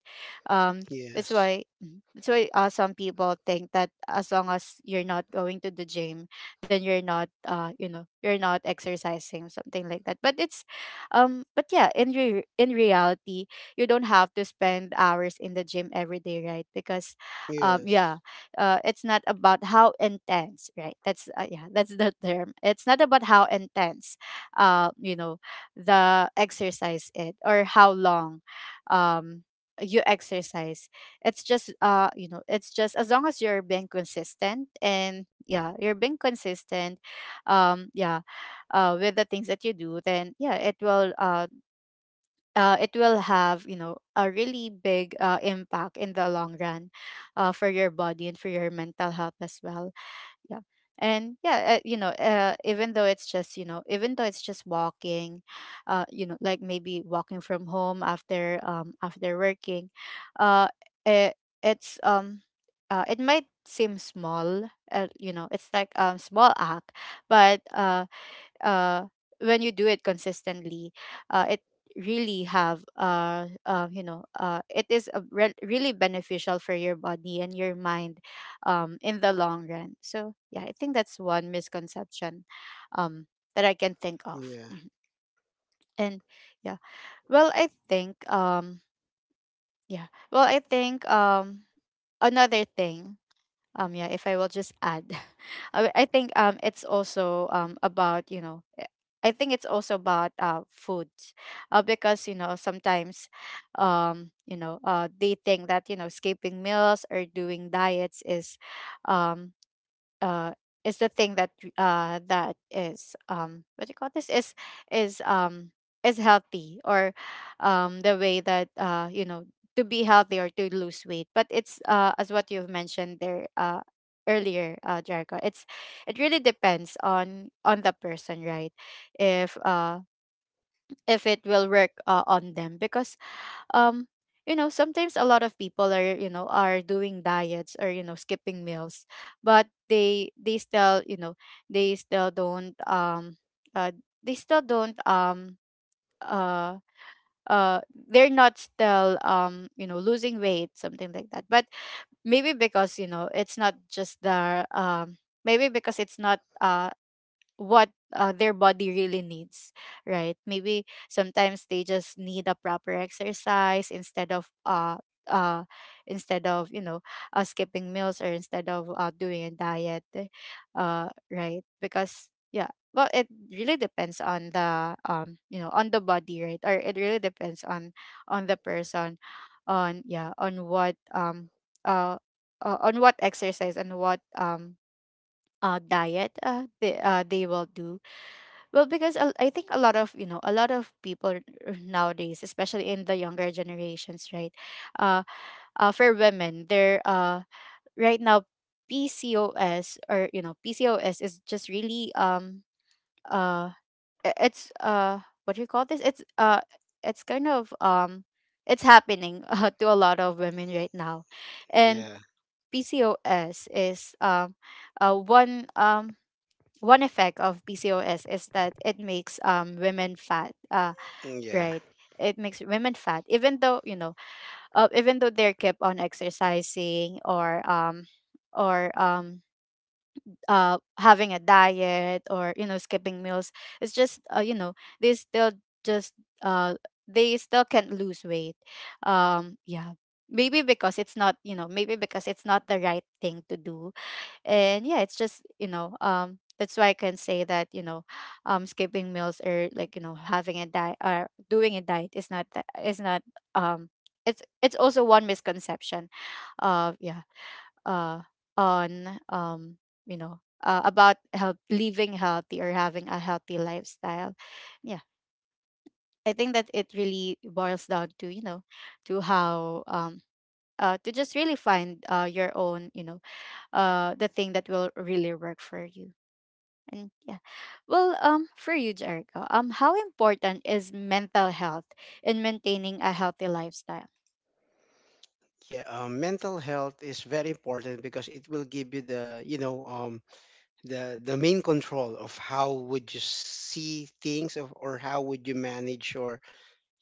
um that's why.
Yes.
Mhm. That's why uh, some people think that as long as you're not going to the gym, then you're not, uh you know you're not exercising, something like that. But it's, um but yeah, in re- in reality, you don't have to spend hours in the gym every day, right? Because um yeah
Yes.
uh, it's not about how intense, right? That's uh, yeah, that's the term. It's not about how intense, uh, you know the exercise it or how long, um, you exercise. It's just, uh you know it's just, as long as you're being consistent, and yeah, you're being consistent, um yeah uh with the things that you do, then yeah, it will uh uh, it will have, you know, a really big uh, impact in the long run, uh, for your body and for your mental health as well. Yeah. And yeah, uh, you know uh, even though it's just, you know, even though it's just walking, uh, you know, like maybe walking from home after, um after working, uh it, it's um uh, it might seem small, uh, you know, it's like um small act, but uh uh when you do it consistently, uh it really have, uh, uh you know uh it is a re- really beneficial for your body and your mind um in the long run. So yeah, I think that's one misconception um that I can think of.
Yeah.
And yeah. well i think um yeah well, I think, um another thing, um yeah if I will just add, <laughs> i I think, um it's also um about, you know, eh, I think it's also about uh foods, uh, because you know, sometimes, um you know uh they think that, you know, skipping meals or doing diets is, um uh is the thing that, uh that is um what do you call this? is is um is healthy, or um the way that, uh you know to be healthy or to lose weight. But it's, uh as what you've mentioned there uh earlier, uh Jericho, it's, it really depends on on the person, right? if uh if it will work uh, on them, because, um you know, sometimes a lot of people are, you know, are doing diets or, you know, skipping meals, but they they still, you know, they still don't, um uh they still don't um uh uh they're not still, um you know, losing weight, something like that. But maybe because, you know, it's not just the, um maybe because it's not uh what, uh, their body really needs, right? Maybe sometimes they just need a proper exercise instead of, uh uh instead of, you know, uh, skipping meals, or instead of, uh, doing a diet, uh right? Because yeah, well, it really depends on the, um you know, on the body, right? Or it really depends on on the person, on yeah, on what, um uh, uh on what exercise and what, um uh diet uh they, uh they will do. Well, because a- I think a lot of, you know, a lot of people r- r- nowadays, especially in the younger generations, right? Uh, uh for women, they're uh right now, P C O S, or you know, P C O S is just really, um uh i- it's uh what do you call this? It's uh it's kind of, um it's happening <laughs> uh, to a lot of women right now, and
Yeah.
P C O S is, um uh one, um one effect of P C O S is that it makes, um women fat. Uh,
Yeah.
right. It makes women fat, even though you know, uh, even though they're kept on exercising, or um or um uh having a diet, or you know, skipping meals. It's just, uh, you know, they still just uh they still can't lose weight. Um. Yeah. Maybe because it's not, you know, maybe because it's not the right thing to do. And yeah, it's just, you know, um that's why I can say that, you know, <sighs> um skipping meals, or like, you know, having a diet, or doing a diet, is not, that is not, um it's it's also one misconception of, yeah, uh on, um you know, uh, about health, living healthy, or having a healthy lifestyle. Yeah, I think that it really boils down to, you know, to how, um uh, to just really find, uh, your own, you know, uh, the thing that will really work for you. And yeah. Well, um, for you, Jericho, um, how important is mental health in maintaining a healthy lifestyle?
Yeah. Um, mental health is very important because it will give you the, you know um the the main control of how would you see things of, or how would you manage your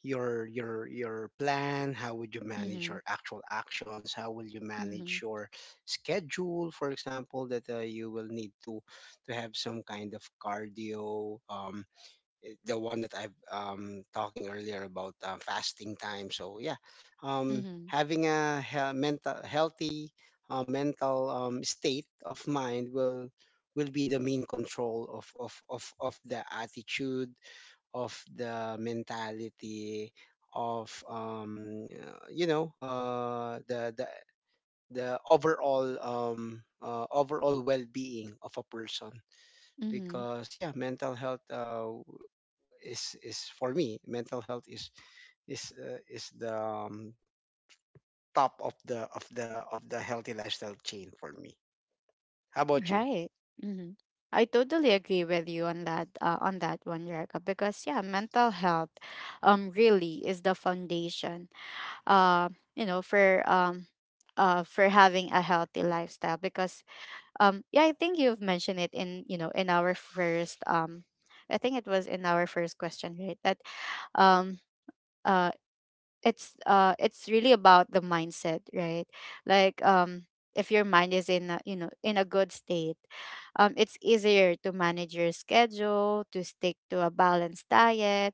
your your your plan, how would you manage
Mm-hmm.
your actual actions, how will you
Mm-hmm.
manage your schedule, for example, that uh, you will need to to have some kind of cardio um, the one that I've um talking earlier about uh, fasting time. So yeah, um,
Mm-hmm.
having a hea- mental healthy uh, mental um, state of mind will will be the main control of of of of the attitude, of the mentality, of um uh, you know uh the the the overall, um uh, overall well-being of a person.
Mm-hmm.
Because yeah, mental health uh is, is for me mental health is, is uh, is the um, top of the of the of the healthy lifestyle chain for me. How about you?
Right. Mm-hmm. I totally agree with you on that, uh, on that one, Jericho, because yeah, mental health um really is the foundation, uh, you know, for, um uh for having a healthy lifestyle. Because, um yeah, I think you've mentioned it in, you know, in our first, um I think it was in our first question, right? That, um uh it's uh it's really about the mindset, right? Like, um if your mind is in a, you know, in a good state, um it's easier to manage your schedule, to stick to a balanced diet,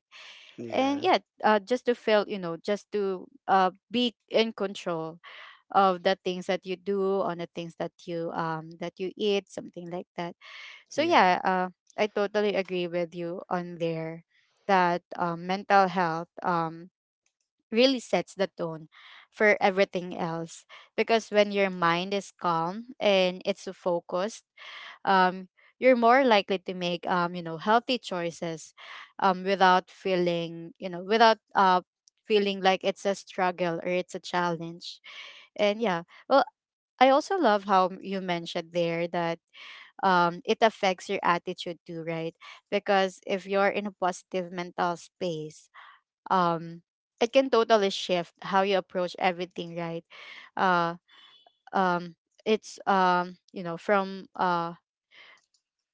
and
Yeah.
yeah, uh, just to feel, you know, just to uh be in control of the things that you do, on the things that you, um that you eat, something like that. So
Yeah.
yeah, uh, I totally agree with you on there, that um, mental health, um, really sets the tone for everything else, because when your mind is calm and it's focused, um, you're more likely to make, um, you know, healthy choices, um, without feeling, you know, without, uh, feeling like it's a struggle or it's a challenge. And yeah, well, I also love how you mentioned there, that um, it affects your attitude too, right? Because if you're in a positive mental space, um, it can totally shift how you approach everything, right? Uh, um, it's, um, you know, from, uh,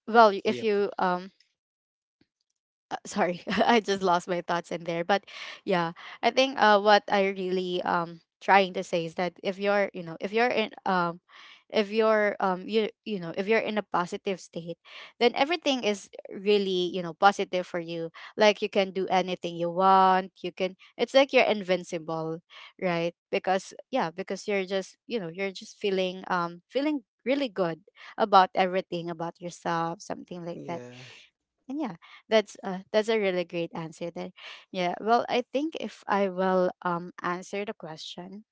well, if
Yep.
you um uh, sorry, <laughs> I just lost my thoughts in there. But yeah, I think uh what I really um trying to say is that, if you're, you know, if you're in, um if you're um you you know if you're in a positive state, then everything is really, you know, positive for you. Like you can do anything you want, you can, it's like you're invincible, right? Because yeah, because you're just, you know, you're just feeling, um feeling really good about everything, about yourself, something like that.
Yeah.
And yeah, that's uh that's a really great answer there. Yeah, well, I think if I will, um answer the question,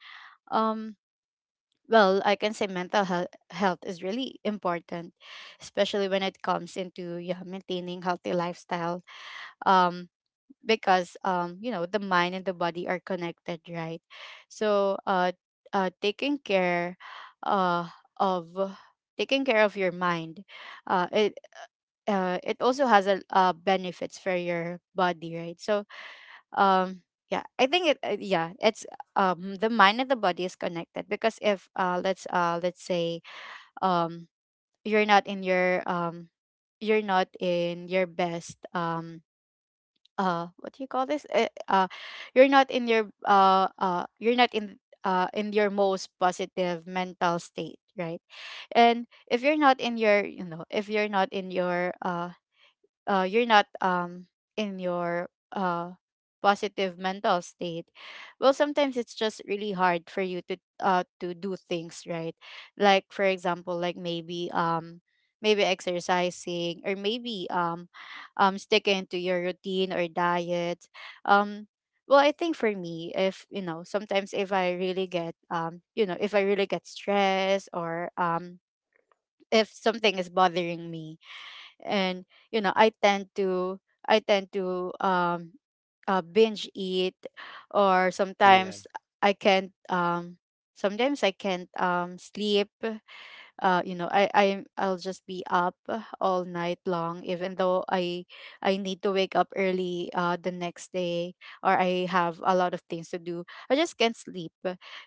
um well, I can say mental health health is really important, especially when it comes into, yeah, maintaining healthy lifestyle, um because, um you know, the mind and the body are connected, right? So uh uh taking care uh of taking care of your mind, uh it uh, it also has a, uh, benefits for your body, right? So, um, yeah, I think it. Uh, yeah, it's um the mind and the body is connected because if uh let's uh let's say um you're not in your um you're not in your best um uh what do you call this uh, uh you're not in your uh uh you're not in uh in your most positive mental state, right? And if you're not in your you know if you're not in your uh uh, you're not um in your uh positive mental state, well, sometimes it's just really hard for you to uh to do things, right? Like for example, like maybe um maybe exercising or maybe um um sticking to your routine or diet. um well, I think for me, if you know, sometimes if I really get um you know, if I really get stressed, or um if something is bothering me, and you know, I tend to, i tend to um uh, binge eat, or
Yeah.
sometimes I can't um sometimes I can't um sleep. uh you know, i i i'll just be up all night long, even though i I need to wake up early uh the next day, or I have a lot of things to do. I just can't sleep.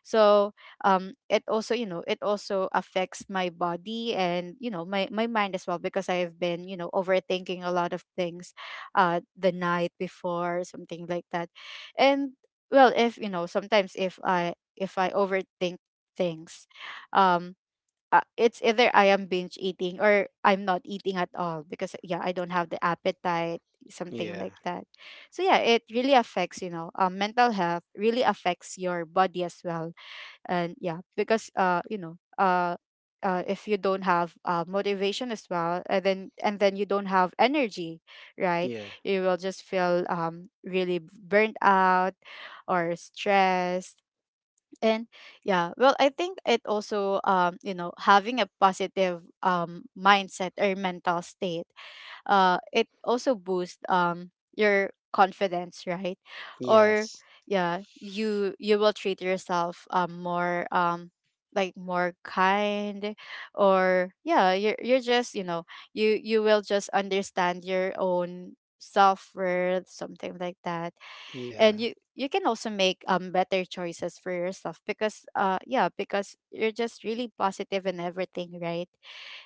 So um it also, you know, it also affects my body and you know, my my mind as well, because I have been, you know, overthinking a lot of things uh the night before, something like that. And well, if you know, sometimes if i if I overthink things, um uh, it's either I am binge eating or I'm not eating at all because, yeah, I don't have the appetite, something
Yeah.
like that. So yeah, it really affects, you know, um, mental health really affects your body as well, and yeah, because uh you know uh. Uh, if you don't have uh, motivation as well, and then and then you don't have energy, right?
Yeah.
You will just feel um really burnt out or stressed. And yeah, well, I think it also, um, you know, having a positive, um, mindset or mental state, uh it also boosts um your confidence, right? Or
Yes.
yeah, you you will treat yourself um more um like more kind, or yeah, you're, you're just, you know, you you will just understand your own self-worth, something like that.
Yeah.
And you you can also make um better choices for yourself, because uh yeah, because you're just really positive in everything, right?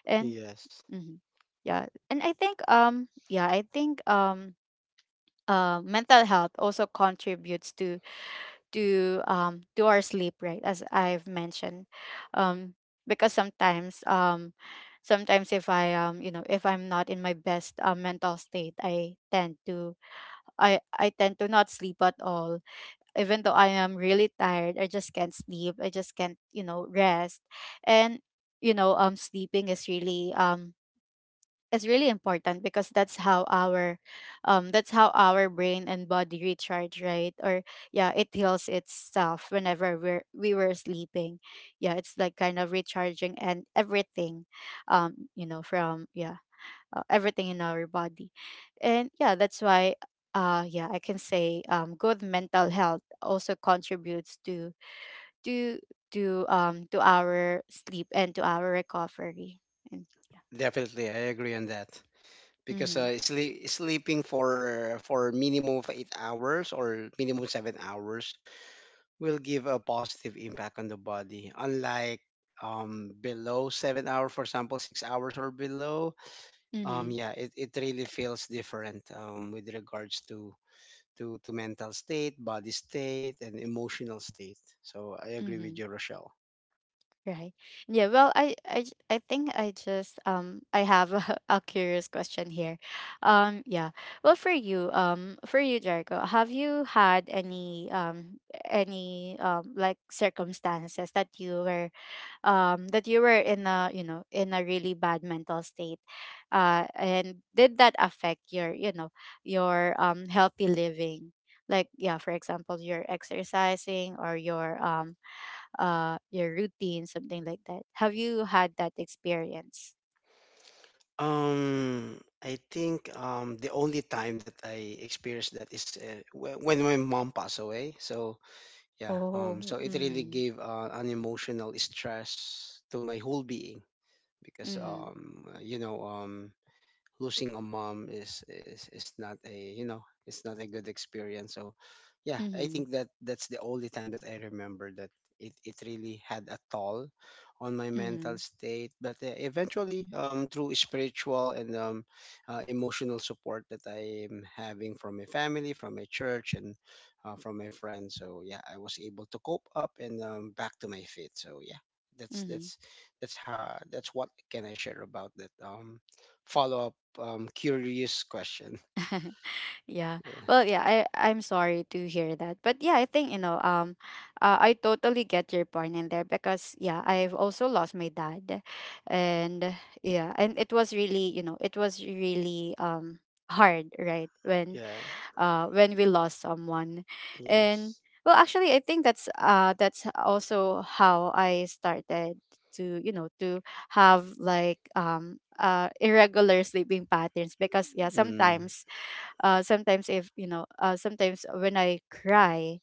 And
Yes.
mhm, yeah, and I think um yeah, I think um uh, mental health also contributes to, to um to our sleep, right? As I've mentioned. um because sometimes um sometimes if I, um, you know, if I'm not in my best uh, mental state, I tend to, i i tend to not sleep at all, even though I am really tired. I just can't sleep. I just can't, you know, rest. And you know, um, sleeping is really um is really important because that's how our um that's how our brain and body recharge, right? Or yeah, it heals itself whenever we're we were sleeping. Yeah, it's like kind of recharging and everything. Um, you know, from yeah, uh, everything in our body. And yeah, that's why uh yeah, I can say, um, good mental health also contributes to to to um to our sleep and to our recovery. And yeah.
Definitely, I agree on that because
Mm-hmm.
uh, sleep, sleeping for for minimum of eight hours, or minimum seven hours, will give a positive impact on the body. Unlike um, below seven hours, for example, six hours or below, um,
Mm-hmm.
yeah, it, it really feels different um, with regards to, to, to mental state, body state, and emotional state. So I agree with
Mm-hmm.
you, Rochelle.
Right. Yeah, well, i i j- i think I just um I have a, <laughs> a curious question here. Um yeah, well for you, um, for you, Jericho, have you had any um any, um, like circumstances that you were um that you were in a, you know, in a really bad mental state, uh and did that affect your, you know, your, um, healthy living? Like, yeah, for example, your exercising or your um uh your routine, something like that? Have you had that experience?
Um, I think um, the only time that I experienced that is uh, whe- when my mom passed away. So yeah, um,
Oh,
so it really
mm.
gave uh, an emotional stress to my whole being. Because
Mm-hmm.
um you know um losing a mom is, is is not a, you know, it's not a good experience. So yeah, I
Mm-hmm.
think that that's the only time that I remember that it, it really had a toll on my
Mm-hmm.
mental state. But uh, eventually, um through spiritual and um uh, emotional support that I am having from my family, from my church, and uh, from my friends, so yeah, I was able to cope up and um, back to my feet. So yeah, that's
Mm-hmm.
that's that's how, that's what can I share about that, um follow up, um, curious question. <laughs>
Yeah.
Yeah.
Well, yeah, I I'm sorry to hear that. But yeah, I think, you know, um uh, I totally get your point in there because, yeah, I've also lost my dad. And yeah, and it was really, you know, it was really um hard, right? When
Yeah.
uh when we lost someone. And
Yes.
well, actually, I think that's uh that's also how I started to, you know, to have like um uh irregular sleeping patterns because, yeah,
Mm,
sometimes uh, sometimes if you know, uh, sometimes when I cry,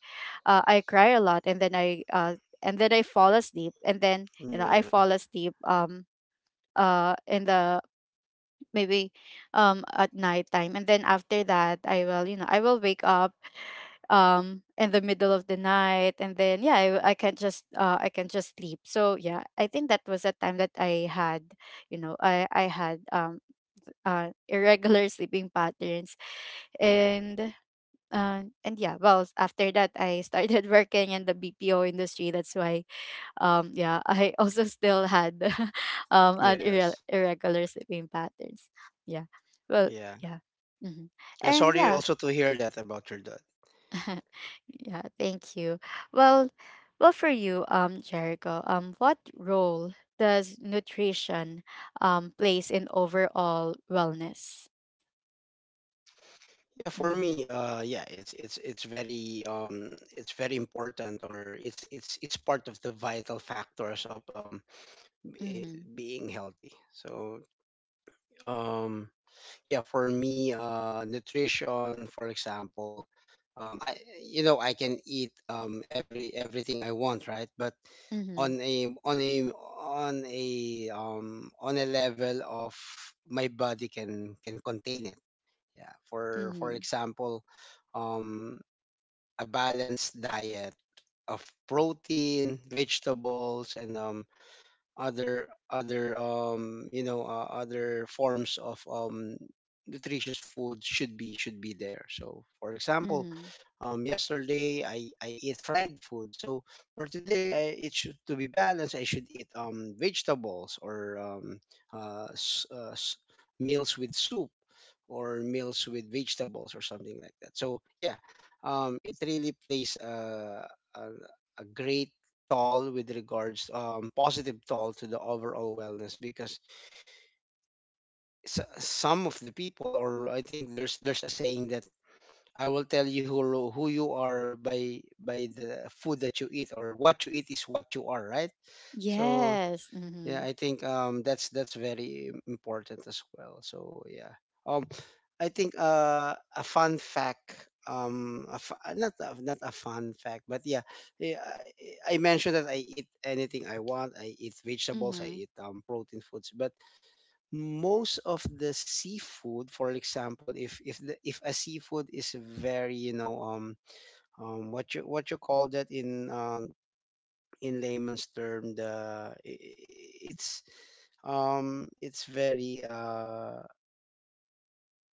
uh, I cry a lot, and then I uh, and then I fall asleep, and then you know I
yeah.
fall asleep um uh in the maybe um at night time, and then after that I will, you know, I will wake up um in the middle of the night, and then yeah, I I can just uh I can just sleep. So yeah, I think that was a time that I had, you know, I I had um uh irregular <laughs> sleeping patterns. And uh, and yeah, well, s- after that, I started <laughs> working in the B P O industry. That's why, um, yeah, <laughs> I also still had <laughs> um, an irre-
Yes.
irregular sleeping patterns. Yeah, well,
Yeah.
yeah, hmm,
I'm
and
sorry
yeah,
also to hear that about your dad.
<laughs> yeah. Thank you. Well, well, for you, um, Jericho, um, what role does nutrition um plays in overall wellness?
Yeah, for
Mm-hmm.
me, uh, yeah, it's it's it's very um it's very important, or it's it's it's part of the vital factors of um be-
Mm-hmm.
being healthy. So um yeah, for me, uh nutrition, for example, um I you know, I can eat um every everything I want, right? But
Mm-hmm.
on a on a on a um on a level of my body can can contain it. Yeah, for for
Mm-hmm.
example, um a balanced diet of protein, vegetables, and um other other um you know uh, other forms of um nutritious food should be, should be there. So for example,
Mm-hmm.
um yesterday i i eat fried food, so for today, I, it should to be balanced, I should eat um vegetables, or um uh, s- uh s- meals with soup, or meals with vegetables, or something like that. So yeah, um it really plays uh, a, a great toll with regards, um, positive toll to the overall wellness. Because s- some of the people, or I think there's there's a saying that I will tell you who, who you are by by the food that you eat, or what you eat is what you are, right? So
Yes.
yeah,
Mm-hmm.
I think um that's that's very important as well. So yeah. Um I think uh a fun fact, um a fu- uh, not a, not a fun fact, but yeah, yeah, I, I mentioned that I eat anything I want. I eat vegetables, I
Mhm.
eat um protein foods, but most of the seafood, for example, if if the, if a seafood is very, you know, um um what you, what you call that in um in layman's term, the i- i- it's um it's very uh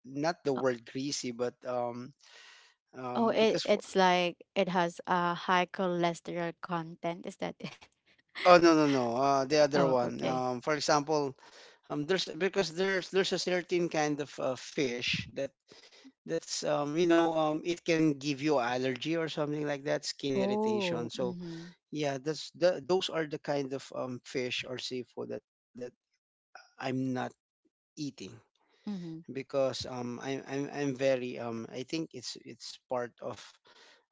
not the
Oh,
word greasy, but um
oh,
um
it
because for
it's like it has a high cholesterol content. Is that it? <laughs>
oh, no no no, uh the other
Oh,
one,
okay.
um, for example, um there's, because there's there's a certain kind of uh, fish that that's um you know um it can give you allergy or something like that, skin
Oh,
irritation. So
mhm.
yeah, that's the, those are the kind of um fish or seafood that that I'm not eating,
Mhm.
because um I'm I'm I'm very um I think it's it's part of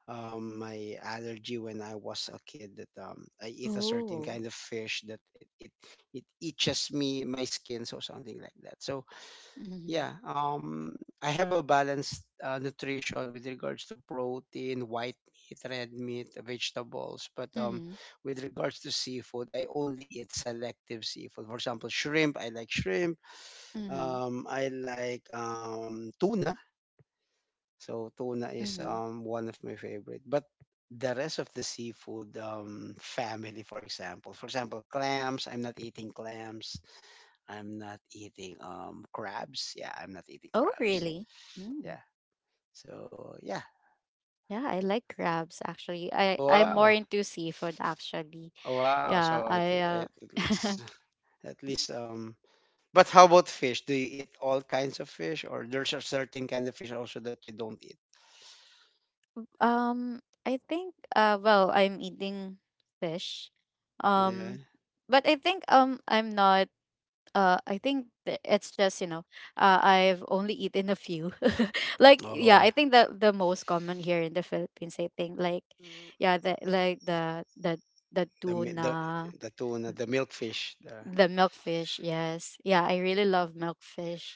um my allergy when I was a kid, that um I eat a certain
Oh.
kind of fish that it it, it itches me, my skin, so something like that. So
Mhm.
yeah, um I have a balanced uh, nutrition with regards to protein, white meat, red meat, vegetables, but um
Mhm.
with regards to seafood, I only eat selective seafood. For example, shrimp, I like shrimp,
Mhm.
um, I like um, tuna. So tuna is
Mhm.
um, one of my favorite. But the rest of the seafood um, family, for example, for example, clams. I'm not eating clams. I'm not eating um, crabs. Yeah, I'm not eating
Oh,
crabs.
really? Mm.
Yeah. So yeah.
Yeah, I like crabs, actually. I I'm more
Wow.
into seafood, actually.
Wow.
Yeah,
So I
I
think
uh
at
<laughs>
least <laughs> at least um. But how about fish? Do you eat all kinds of fish, or there's a certain kind of fish also that you don't eat?
um, I think uh well, I'm eating fish.
Yeah.
Um, but I think um I'm not uh i think th- it's just you know, uh, I've only eaten a few <laughs> like, yeah,
Oh.
I think that the most common here in the Philippines, I think, like
Mm,
yeah, the like the the the
the mi- the
tuna,
the tuna, the milkfish, the
the milkfish, yes, yeah, I really love milkfish.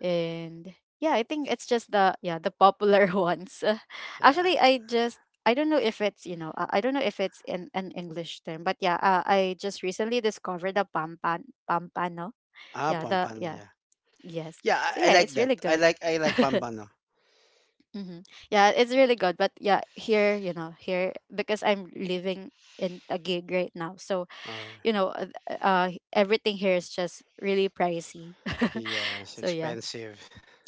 And yeah, I think it's just the yeah, the popular <laughs> ones. Uh,
yeah.
actually, I just, I don't know if it's, you know, uh, I don't know if it's in an English term, but yeah, uh, I just recently discovered the pampan pampano.
Ah,
Yeah, the
pampano,
yeah.
yeah.
Yes.
Yeah,
So
I, I
yeah,
like
it's
that.
really
I
good.
like I like
<laughs>
pampano.
hmm. Yeah, it's really good. But yeah, here, you know, here because I'm living in a gig right now. So,
Or
you know, uh, uh, everything here is just really pricey. <laughs>
yes,
So yeah.
expensive.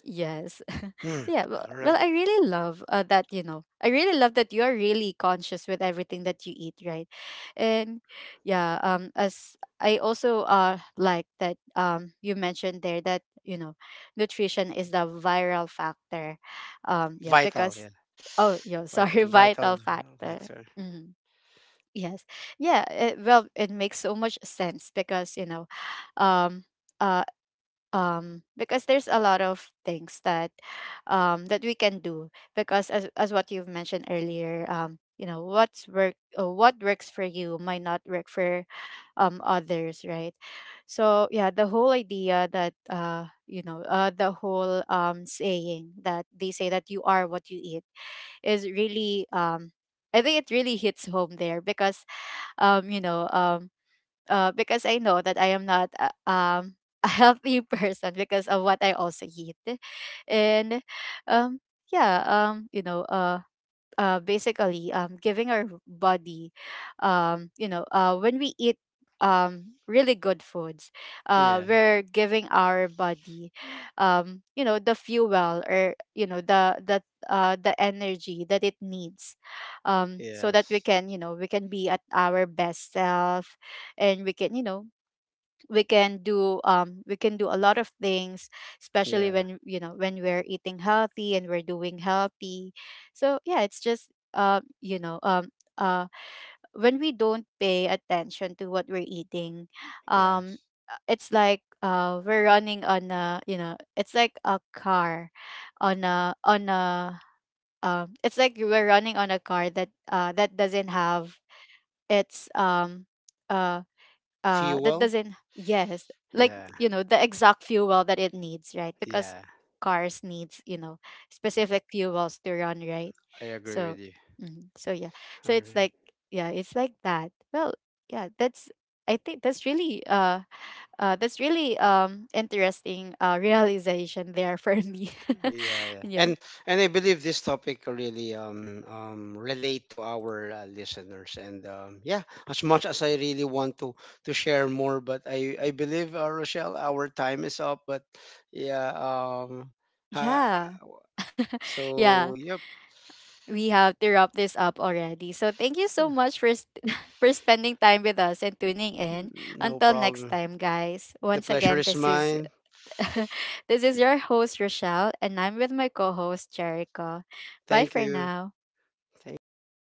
Yes. <laughs>
Hmm.
So yeah, well,
All
well
right.
I really love uh, that, you know. I really love that you are really conscious with everything that you eat, right? And yeah, um, as I also uh like that um you mentioned there that, you know, nutrition is the viral factor. Um, yeah,
Vital,
because
yeah.
oh, yeah, sorry, <laughs>
Vital
vital
vital
factor.
factor.
Hmm. Yes. Yeah, it, well, it makes so much sense because, you know, um uh um because there's a lot of things that um that we can do because as as what you've mentioned earlier, um, you know, what's work uh, what works for you might not work for um others, right? So yeah, the whole idea that uh you know, uh the whole, um, saying that they say that you are what you eat is really, um, I think it really hits home there because, um you know, um uh, because I know that I am not a, um, <laughs> a healthy person because of what I also eat, and um, yeah, um, you know, uh, uh, basically, um, giving our body, um, you know, uh, when we eat, um, really good foods, uh,
Yeah.
we're giving our body, um, you know, the fuel or you know the the uh, the energy that it needs, um, so that we
Yes.
can, you know, we can be at our best self, and we can, you know, we can do, um we can do a lot of things, especially
Yeah.
when, you know, when we're eating healthy and we're doing healthy. So yeah, it's just uh you know, um uh when we don't pay attention to what we're eating, um
Yes.
uh, it's like uh we're running on a, you know, it's like a car, on a, on a, um it's like we're running on a car that uh that doesn't have its um uh, uh that
Fuel?
doesn't, yes, like
Yeah.
you know, the exact fuel that it needs, right? Because
Yeah.
cars needs, you know, specific fuels to run, right?
I agree
So
with you.
mm, so yeah, so
All
it's
right.
like yeah, it's like that. Well, yeah, that's, I think that's really uh uh that's really, um, interesting uh realization there for me.
Yeah,
<laughs>
yeah.
Yeah,
And and I believe this topic really um um relate to our uh, listeners, and um yeah, as much as I really want to to share more, but I I believe, uh, Rochelle, our time is up. But yeah, um ha,
yeah, yeah,
so yep,
we have to wrap this up already. So thank you so much for st- <laughs> for spending time with us and tuning in.
no
Until next
problem.
time, guys.
The
Once
pleasure
again,
is
this is
mine.
<laughs> this is your host Rochelle, and I'm with my co-host Jericho. Bye
Thank
for
you.
now.
Thank you everyone.